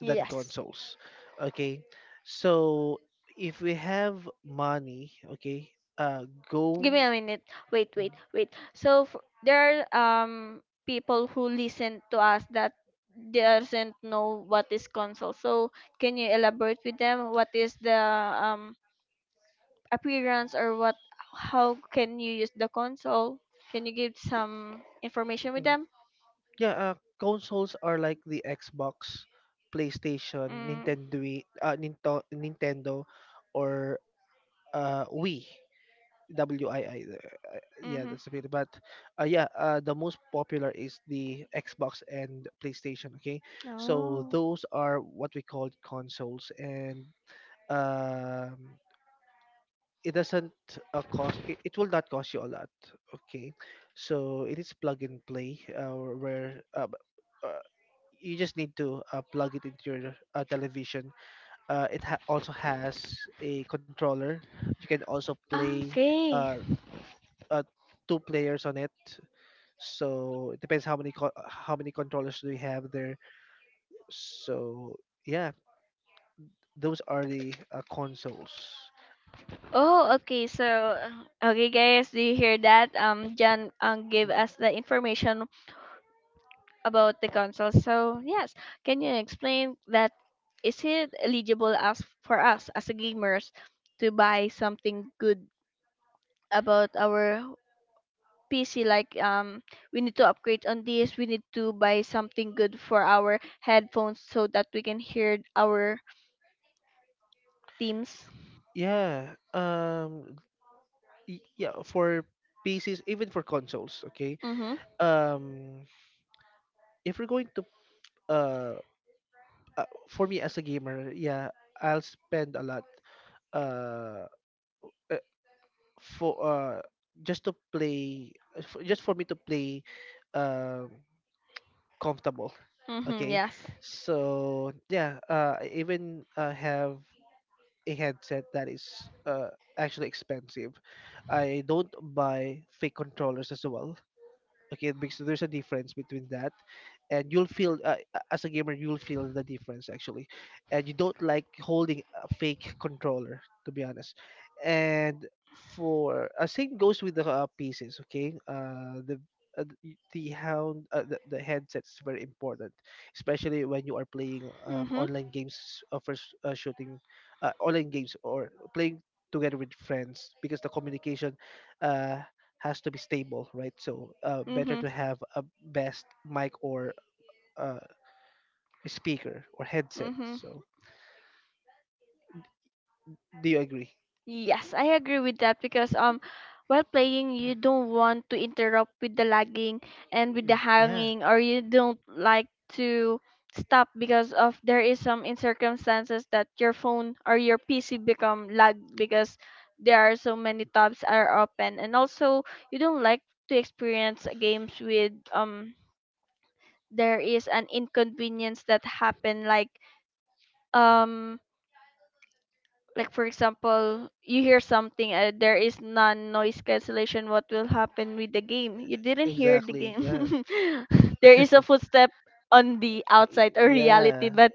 Speaker 2: than
Speaker 1: Yes,
Speaker 2: consoles. Okay, so if we have money, okay, go.
Speaker 1: give me
Speaker 2: Mm.
Speaker 1: a minute. Wait, wait, wait, so there are people who listen to us that doesn't know what is console. So can you elaborate with them what is the um appearance, or what how can you use the console? Can you give some information with
Speaker 2: Mm.
Speaker 1: them?
Speaker 2: Yeah, consoles are like the Xbox, PlayStation,
Speaker 1: Mm,
Speaker 2: Nintendo, Nintendo, or Wii, W I. Yeah,
Speaker 1: mm-hmm.
Speaker 2: that's a bit. But yeah, the most popular is the Xbox and PlayStation. Okay, so
Speaker 1: Oh.
Speaker 2: those are what we call consoles, and um, it doesn't cost. It will not cost you a lot. Okay, so it is plug and play, where uh, you just need to plug it into your television. It also has a controller. You can also play
Speaker 1: Okay.
Speaker 2: uh, uh, two players on it, so it depends how many controllers do you have there. So yeah, those are the consoles.
Speaker 1: Oh, okay. So, okay, guys, do you hear that? Jan gave us the information about the council. So yes, can you explain that? Is it eligible as for us as a gamers to buy something good about our PC? Like we need to upgrade on this. We need to buy something good for our headphones so that we can hear our teams.
Speaker 2: Yeah. Yeah. For PCs, even for consoles. Okay.
Speaker 1: Mhm.
Speaker 2: Um. If we're going to uh, for me as a gamer, yeah, I'll spend a lot uh uh, for just for me to play um comfortable.
Speaker 1: Mhm.
Speaker 2: Okay,
Speaker 1: Yes.
Speaker 2: so yeah, I even have a headset that is uh, actually expensive. I don't buy fake controllers as well, okay, because there's a difference between that, and you'll feel as a gamer you'll feel the difference actually, and you don't like holding a fake controller, to be honest. And for same goes with the pieces. Okay, the headset's very important, especially when you are playing
Speaker 1: Mhm.
Speaker 2: online games, shooting online games, or playing together with friends, because the communication uh, has to be stable, right? So better
Speaker 1: Mhm.
Speaker 2: to have a best mic or uh, speaker or headset.
Speaker 1: Mhm.
Speaker 2: So do you agree?
Speaker 1: Yes, I agree with that, because while playing you don't want to interrupt with the lagging and with the
Speaker 2: Mm. Yeah,
Speaker 1: hanging, or you don't like to stop because of there is some in circumstances that your phone or your PC become lag, because there are so many tabs are open, and also you don't like to experience games with there is an inconvenience that happen, um like for example you hear something, there is non noise cancellation. What will happen with the game? You didn't hear the
Speaker 2: exactly.
Speaker 1: game.
Speaker 2: Yeah,
Speaker 1: There is a footstep on the outside or reality,
Speaker 2: yeah,
Speaker 1: but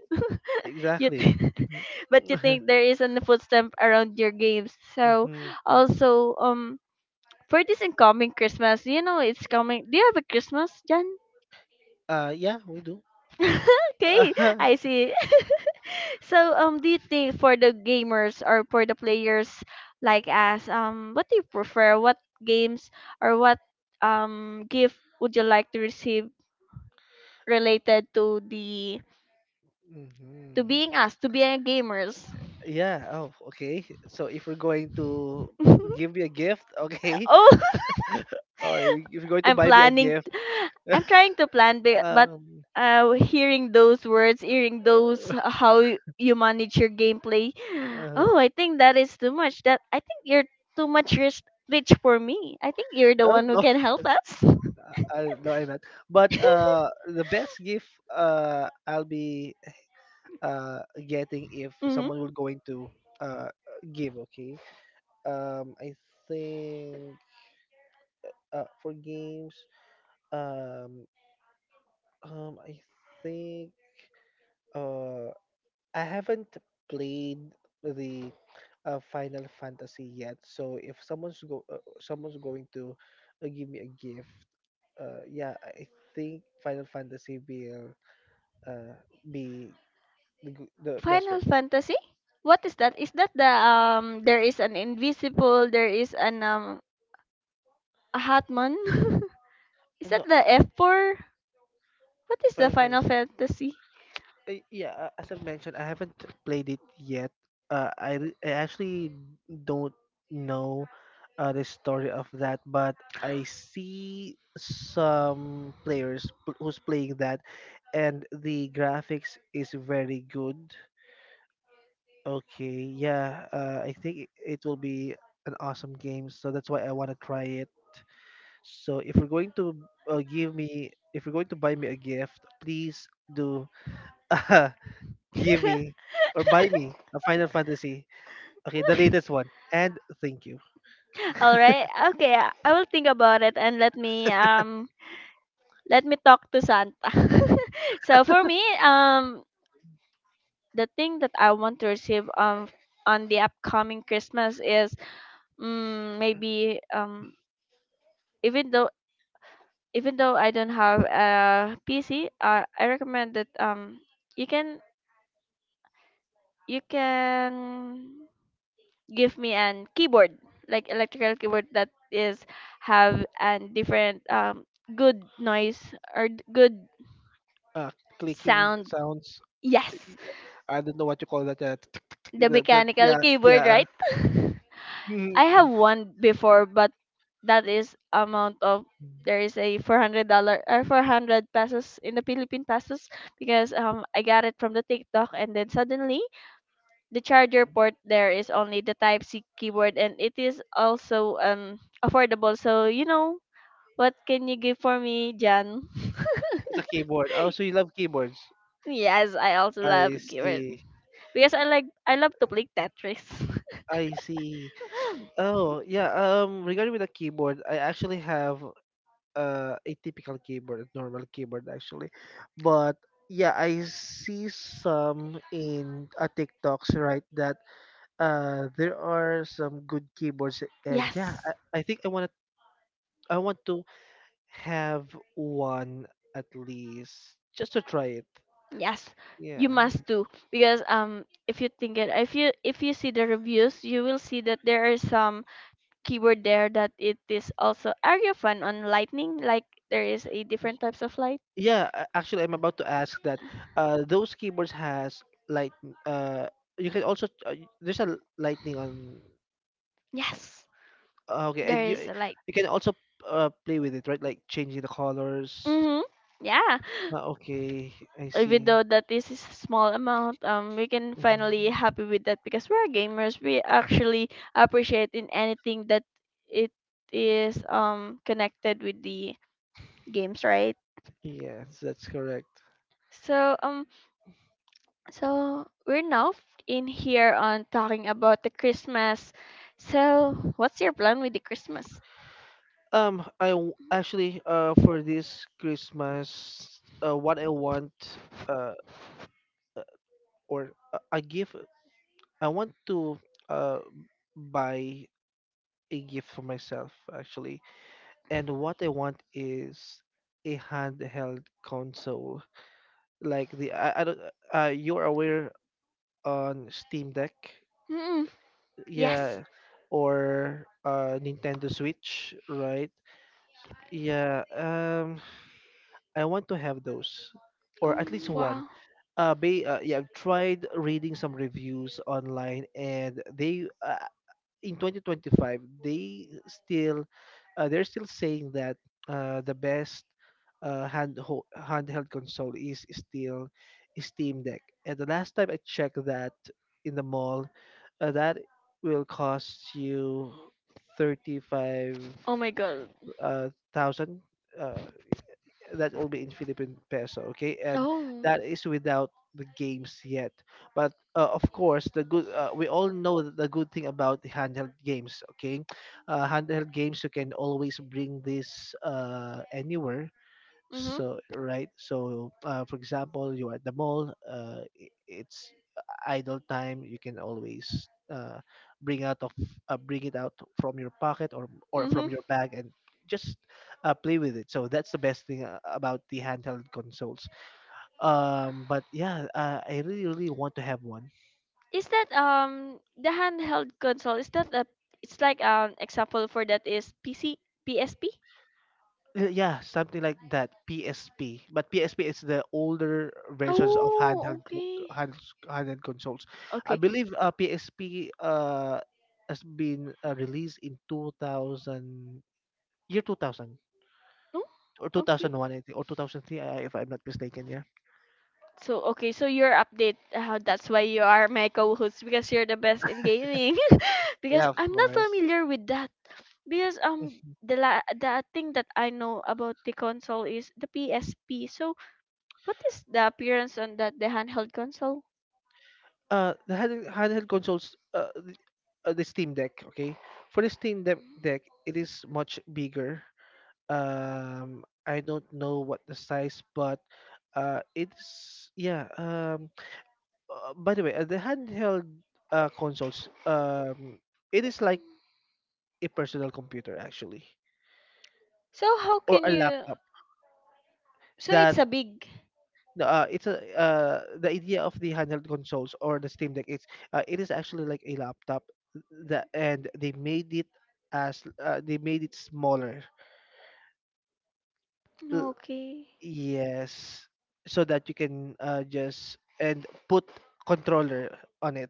Speaker 1: you th-
Speaker 2: exactly.
Speaker 1: but you think there is a footstep around your games. So
Speaker 2: Mhm.
Speaker 1: also for this incoming Christmas, you know it's coming. Do you have a Christmas, Jan?
Speaker 2: Yeah, we do.
Speaker 1: Okay, I see. So, do you think for the gamers or for the players like us, what do you prefer? What games or what gift would you like to receive related to the to
Speaker 2: Mhm.
Speaker 1: being us, to being gamers?
Speaker 2: Yeah. Oh, okay. So if we're going to give me a gift, okay,
Speaker 1: Oh.
Speaker 2: or if you're going to
Speaker 1: I'm
Speaker 2: buy me a
Speaker 1: planning.
Speaker 2: gift.
Speaker 1: I'm trying to plan, but
Speaker 2: um
Speaker 1: hearing those words, hearing those how y- you manage your gameplay,
Speaker 2: uh,
Speaker 1: oh, I think that is too much. That I think you're too much rich, for me. I think you're the
Speaker 2: oh
Speaker 1: one who
Speaker 2: no.
Speaker 1: can help us.
Speaker 2: No, I'm not, but the best gift I'll be uh getting if
Speaker 1: Hmm.
Speaker 2: someone will going to uh give, okay. I think, for games, um I think, uh I haven't played the Final Fantasy yet. So if someone's go someone's going to give me a gift, yeah, I think Final Fantasy will uh, be the best
Speaker 1: Final
Speaker 2: one.
Speaker 1: Fantasy. What is that? Is that the? There is an invisible. There is an a Hatman. Is that
Speaker 2: No,
Speaker 1: the F four? What is the
Speaker 2: Final
Speaker 1: Final
Speaker 2: Fantasy.
Speaker 1: Fantasy?
Speaker 2: Yeah, as I mentioned, I haven't played it yet. I actually don't know the story of that, but I see some players who's playing that, and the graphics is very good. Okay, yeah, I think it will be an awesome game, so that's why I want to try it. So if you're going to if you're going to buy me a gift, please do uh, give me or buy me a Final Fantasy. Okay, the latest one. And thank you.
Speaker 1: All right. Okay. I will think about it, and let me talk to Santa. So for me, the thing that I want to receive on the upcoming Christmas is, maybe even though even though I don't have a PC, I recommend that you can you can give me an keyboard, like electrical keyboard that is have a different good noise or good
Speaker 2: Uh, Clicking
Speaker 1: sound.
Speaker 2: sounds. y-
Speaker 1: Yes,
Speaker 2: I don't know what you call that. Tick, tick, tick, tick,
Speaker 1: the
Speaker 2: that, that,
Speaker 1: mechanical
Speaker 2: yeah,
Speaker 1: keyboard,
Speaker 2: yeah.
Speaker 1: right? I
Speaker 2: Mhm.
Speaker 1: have one before, but that is amount of there is a $400 or 400 pesos in the Philippine pesos because I got it from the TikTok, and then suddenly the charger port, there is only the Type C keyboard, and it is also affordable. So you know what can you give for me, Jan?
Speaker 2: It's a keyboard. Oh, so you love keyboards.
Speaker 1: Yes, I also love
Speaker 2: I
Speaker 1: keyboard,
Speaker 2: see.
Speaker 1: because I love to play Tetris.
Speaker 2: I see. Oh, yeah. Regarding with the keyboard, I actually have a typical keyboard, a normal keyboard actually. But yeah, I see some in TikToks, right? That there are some good keyboards, and yeah,
Speaker 1: Yes,
Speaker 2: I think I want to have one, at least just to try it.
Speaker 1: yes,
Speaker 2: Yeah.
Speaker 1: you must do, because if you think it, if you see the reviews, you will see that there is some keyword there that it is also area fun on lightning. Like there is a different types of light.
Speaker 2: Actually, I'm about to ask that. Those keyboards has light. Uh, you can also there's a lightning on.
Speaker 1: Yes,
Speaker 2: Okay,
Speaker 1: there
Speaker 2: and you
Speaker 1: is a light.
Speaker 2: you can also play with it, right? Like changing the colors.
Speaker 1: Mhm. Yeah.
Speaker 2: Mhm. Okay, I
Speaker 1: Even
Speaker 2: see.
Speaker 1: though that this is a small amount, we can finally
Speaker 2: Mhm.
Speaker 1: happy with that, because we're gamers. We actually appreciate in anything that it is connected with the games, right?
Speaker 2: Yes, that's correct.
Speaker 1: So we're now in here on talking about the Christmas. So what's your plan with the Christmas?
Speaker 2: Actually, for this Christmas, what I want uh uh, or a gift, I want to uh buy a gift for myself actually. And what I want is a handheld console, like the... I don't. You're aware on Steam Deck,
Speaker 1: Mm, yes.
Speaker 2: yeah, or Nintendo Switch, right? Yeah, I want to have those,
Speaker 1: Oh,
Speaker 2: or at least one.
Speaker 1: wow.
Speaker 2: Yeah, I've tried reading some reviews online, and they in 2025 they're still saying that the best handheld console is still Steam Deck. And the last time I checked that in the mall, that will cost you thirty five
Speaker 1: Oh my God.
Speaker 2: thousand. uh, thousand That will be in Philippine peso, okay? And
Speaker 1: Oh.
Speaker 2: that is without the games yet. But of course, the good we all know that the good thing about the handheld games, okay? Handheld games you can always bring this anywhere.
Speaker 1: Mhm.
Speaker 2: So right, so for example, you are at the mall. It's idle time. You can always bring out of bring it out from your pocket or
Speaker 1: Mhm.
Speaker 2: from your bag and just play with it. So that's the best thing about the handheld consoles. But yeah, I really really want to have one.
Speaker 1: Is that the handheld console? Is that a it's like example for that is PC PSP?
Speaker 2: Yeah, something like that. PSP, but PSP is the older versions of
Speaker 1: Oh,
Speaker 2: handheld co-
Speaker 1: okay.
Speaker 2: handheld handheld consoles. I
Speaker 1: Okay.
Speaker 2: believe PSP has been released in 2000,
Speaker 1: No?
Speaker 2: or
Speaker 1: Okay.
Speaker 2: 2001 I think, or 2003, if I'm not mistaken. Yeah,
Speaker 1: So, okay, so your update, that's why you are my co-host, because you're the best in gaming. Because
Speaker 2: yeah, of
Speaker 1: I'm not
Speaker 2: course.
Speaker 1: familiar with that. Because the thing that I know about the console is the PSP. So, what is the appearance on that the handheld console?
Speaker 2: Handheld consoles, the Steam Deck. Okay, for the
Speaker 1: Mm.
Speaker 2: Steam Deck it is much bigger. I don't know what the size, but it's, yeah. By the way, the handheld consoles, it is like a personal computer actually,
Speaker 1: So, how
Speaker 2: or
Speaker 1: can
Speaker 2: a
Speaker 1: you,
Speaker 2: laptop
Speaker 1: so, it's
Speaker 2: that...
Speaker 1: a big.
Speaker 2: it's a The idea of the handheld consoles or the Steam Deck. It is actually like a laptop, that and they made it as they made it smaller. L-
Speaker 1: Okay.
Speaker 2: Yes, so that you can just and put controller on it.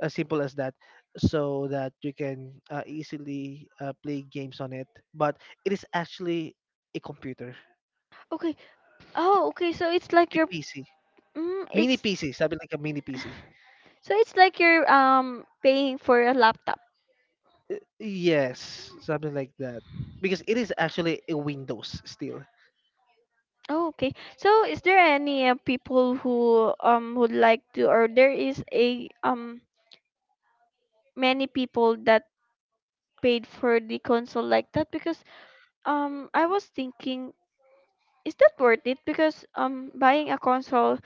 Speaker 2: As simple as that, so that you can easily play games on it. But it is actually a computer,
Speaker 1: Okay. Oh, okay. So, it's like
Speaker 2: a
Speaker 1: your,
Speaker 2: PC, mini
Speaker 1: it's,
Speaker 2: PC, something like a mini PC.
Speaker 1: so it's like you're paying for a laptop.
Speaker 2: Yes, something like that. Because it is actually a Windows still.
Speaker 1: Oh, okay. So is there any people who would like to, or there is a many people that paid for the console like that, because I was thinking, is that worth it, because buying a console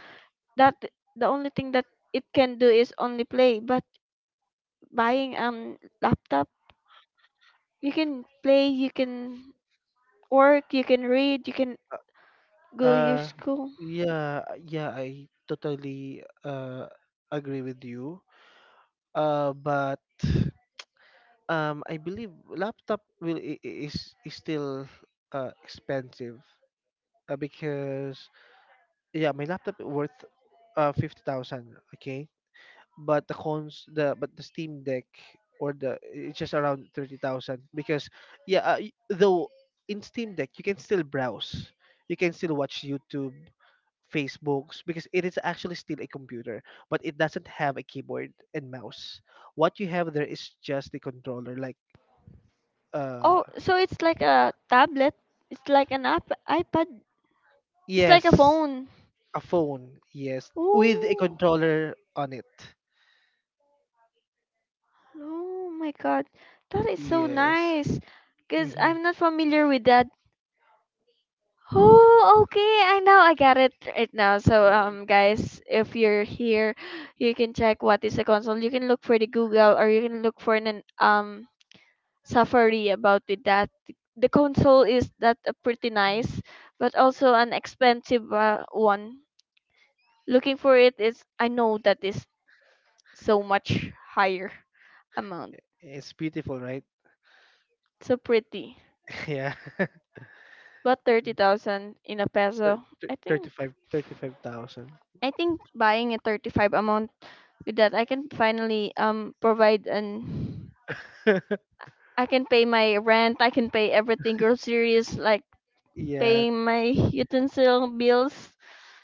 Speaker 1: that the only thing that it can do is only play, but buying laptop, you can play, you can work, you can read, you can go your
Speaker 2: Uh
Speaker 1: school.
Speaker 2: yeah, yeah, I totally agree with you. But I believe laptop is still expensive, because yeah, my laptop worth 50,000, okay? But the Steam Deck, or the it's just around 30,000. Because yeah, though in Steam Deck you can still browse, you can still watch YouTube, Facebooks, because it is actually still a computer, but it doesn't have a keyboard and mouse. What you have there is just the controller, like... uh
Speaker 1: Oh, so it's like a tablet. It's like an app, iPad. It's like a
Speaker 2: yes,
Speaker 1: phone.
Speaker 2: a phone, yes, with a
Speaker 1: Oh,
Speaker 2: controller on it.
Speaker 1: oh my God, that is so
Speaker 2: Yes.
Speaker 1: nice. Cause
Speaker 2: Hmm.
Speaker 1: I'm not familiar with that. Oh, okay. I know. I got it right now. So, guys, if you're here, you can check what is a console. You can look for the Google, or you can look for an Safari about with that. The console is that a pretty nice, but also an expensive one. Looking for it is, I know that is so much higher amount.
Speaker 2: It's beautiful, right?
Speaker 1: So pretty.
Speaker 2: Yeah.
Speaker 1: But 30,000 in a
Speaker 2: thir-
Speaker 1: peso.
Speaker 2: thir-
Speaker 1: I think
Speaker 2: 35 35,000.
Speaker 1: I think buying a 35 amount, with that I can finally provide an, I can pay my rent, I can pay everything groceries, like
Speaker 2: Yeah.
Speaker 1: paying my utensil bills.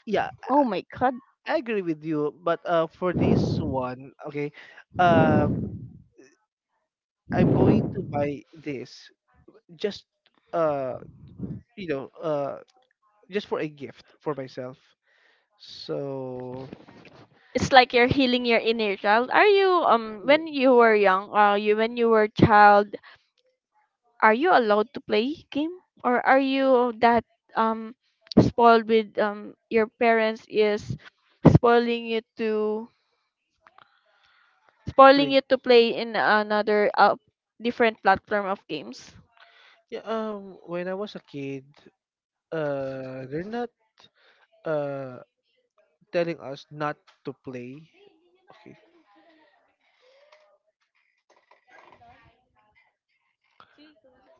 Speaker 2: Yeah,
Speaker 1: Oh my God.
Speaker 2: I agree with you, but for this one, okay, um I'm going to buy this just uh you know, uh just for a gift for myself. So,
Speaker 1: It's like you're healing your inner child. Are you
Speaker 2: yeah,
Speaker 1: when you were young, you when you were child, are you allowed to play game, or are you that um spoiled with your parents is spoiling you to spoiling
Speaker 2: play.
Speaker 1: you to play in another different platform of games?
Speaker 2: Yeah, when I was a kid, they're not uh telling us not to play. Okay.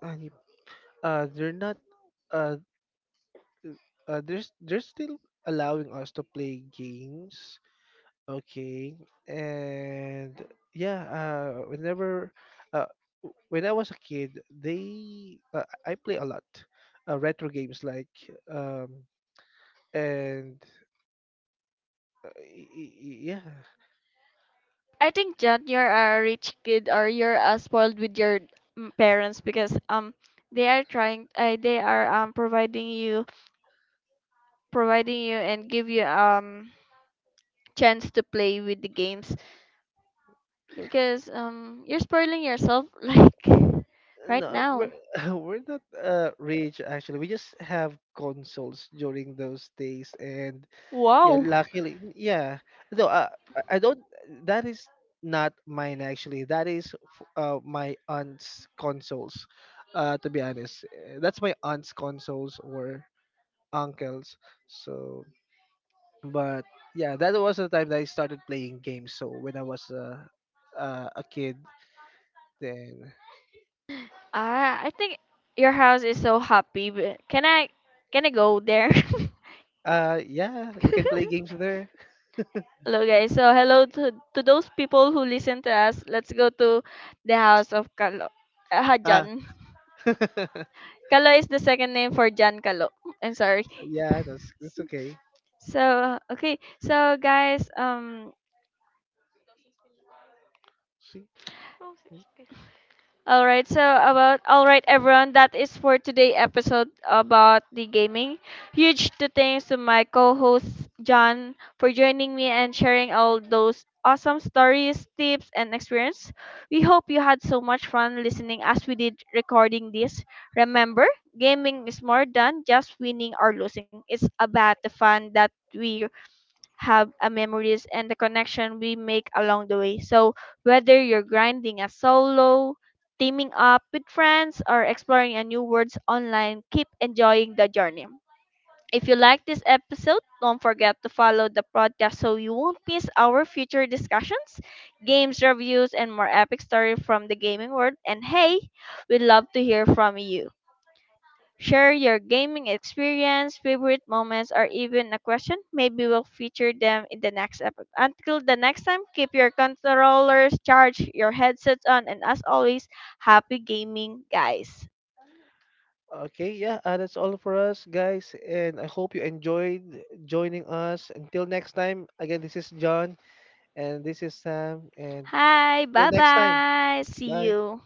Speaker 2: Ani- they're not uh th- there's, are they're still allowing us to play games, okay, and yeah, uh when I was a kid, they I play a lot retro games like um and y- y- y- yeah.
Speaker 1: I think, John, you're a rich kid, or you're spoiled with your, parents, because they are trying, they are providing you and give you chance to play with the games, because you're spoiling yourself like right
Speaker 2: No,
Speaker 1: now.
Speaker 2: we're not rich actually. We just have consoles during those days, and yeah,
Speaker 1: Wow.
Speaker 2: luckily, yeah. No, I don't. That is not mine actually. That is my aunt's consoles. To be honest, that's my aunt's consoles or uncle's. So, but yeah, that was the time that I started playing games. So when I was a kid, then
Speaker 1: I think your house is so happy. But can I go there?
Speaker 2: yeah, we can play games there.
Speaker 1: Hello guys. So hello to those people who listen to us. Let's go to the house of Kalo. Hajan.
Speaker 2: Ah,
Speaker 1: Kalo is the second name for Jan Kalo. I'm sorry.
Speaker 2: yeah, that's okay.
Speaker 1: So okay. So guys,
Speaker 2: See,
Speaker 1: all right, so about all right, everyone. That is for today episode about the gaming. Huge to thanks to my co-host John for joining me and sharing all those awesome stories, tips, and experience. We hope you had so much fun listening as we did recording this. Remember, gaming is more than just winning or losing. It's about the fun that we have, memories and the connection we make along the way. So whether you're grinding a solo, teaming up with friends, or exploring a new worlds online, keep enjoying the journey. If you like this episode, don't forget to follow the podcast so you won't miss our future discussions, games reviews, and more epic stories from the gaming world. And hey, we'd love to hear from you. Share your gaming experience, favorite moments, or even a question. Maybe we'll feature them in the next episode. Until the next time, keep your controllers charged, your headsets on, and as always, happy gaming, guys.
Speaker 2: okay, yeah, that's all for us, guys, and I hope you enjoyed joining us. Until next time, again, this is John, and this is Sam, and
Speaker 1: Hi,
Speaker 2: till
Speaker 1: bye
Speaker 2: next time,
Speaker 1: bye. See
Speaker 2: bye.
Speaker 1: you.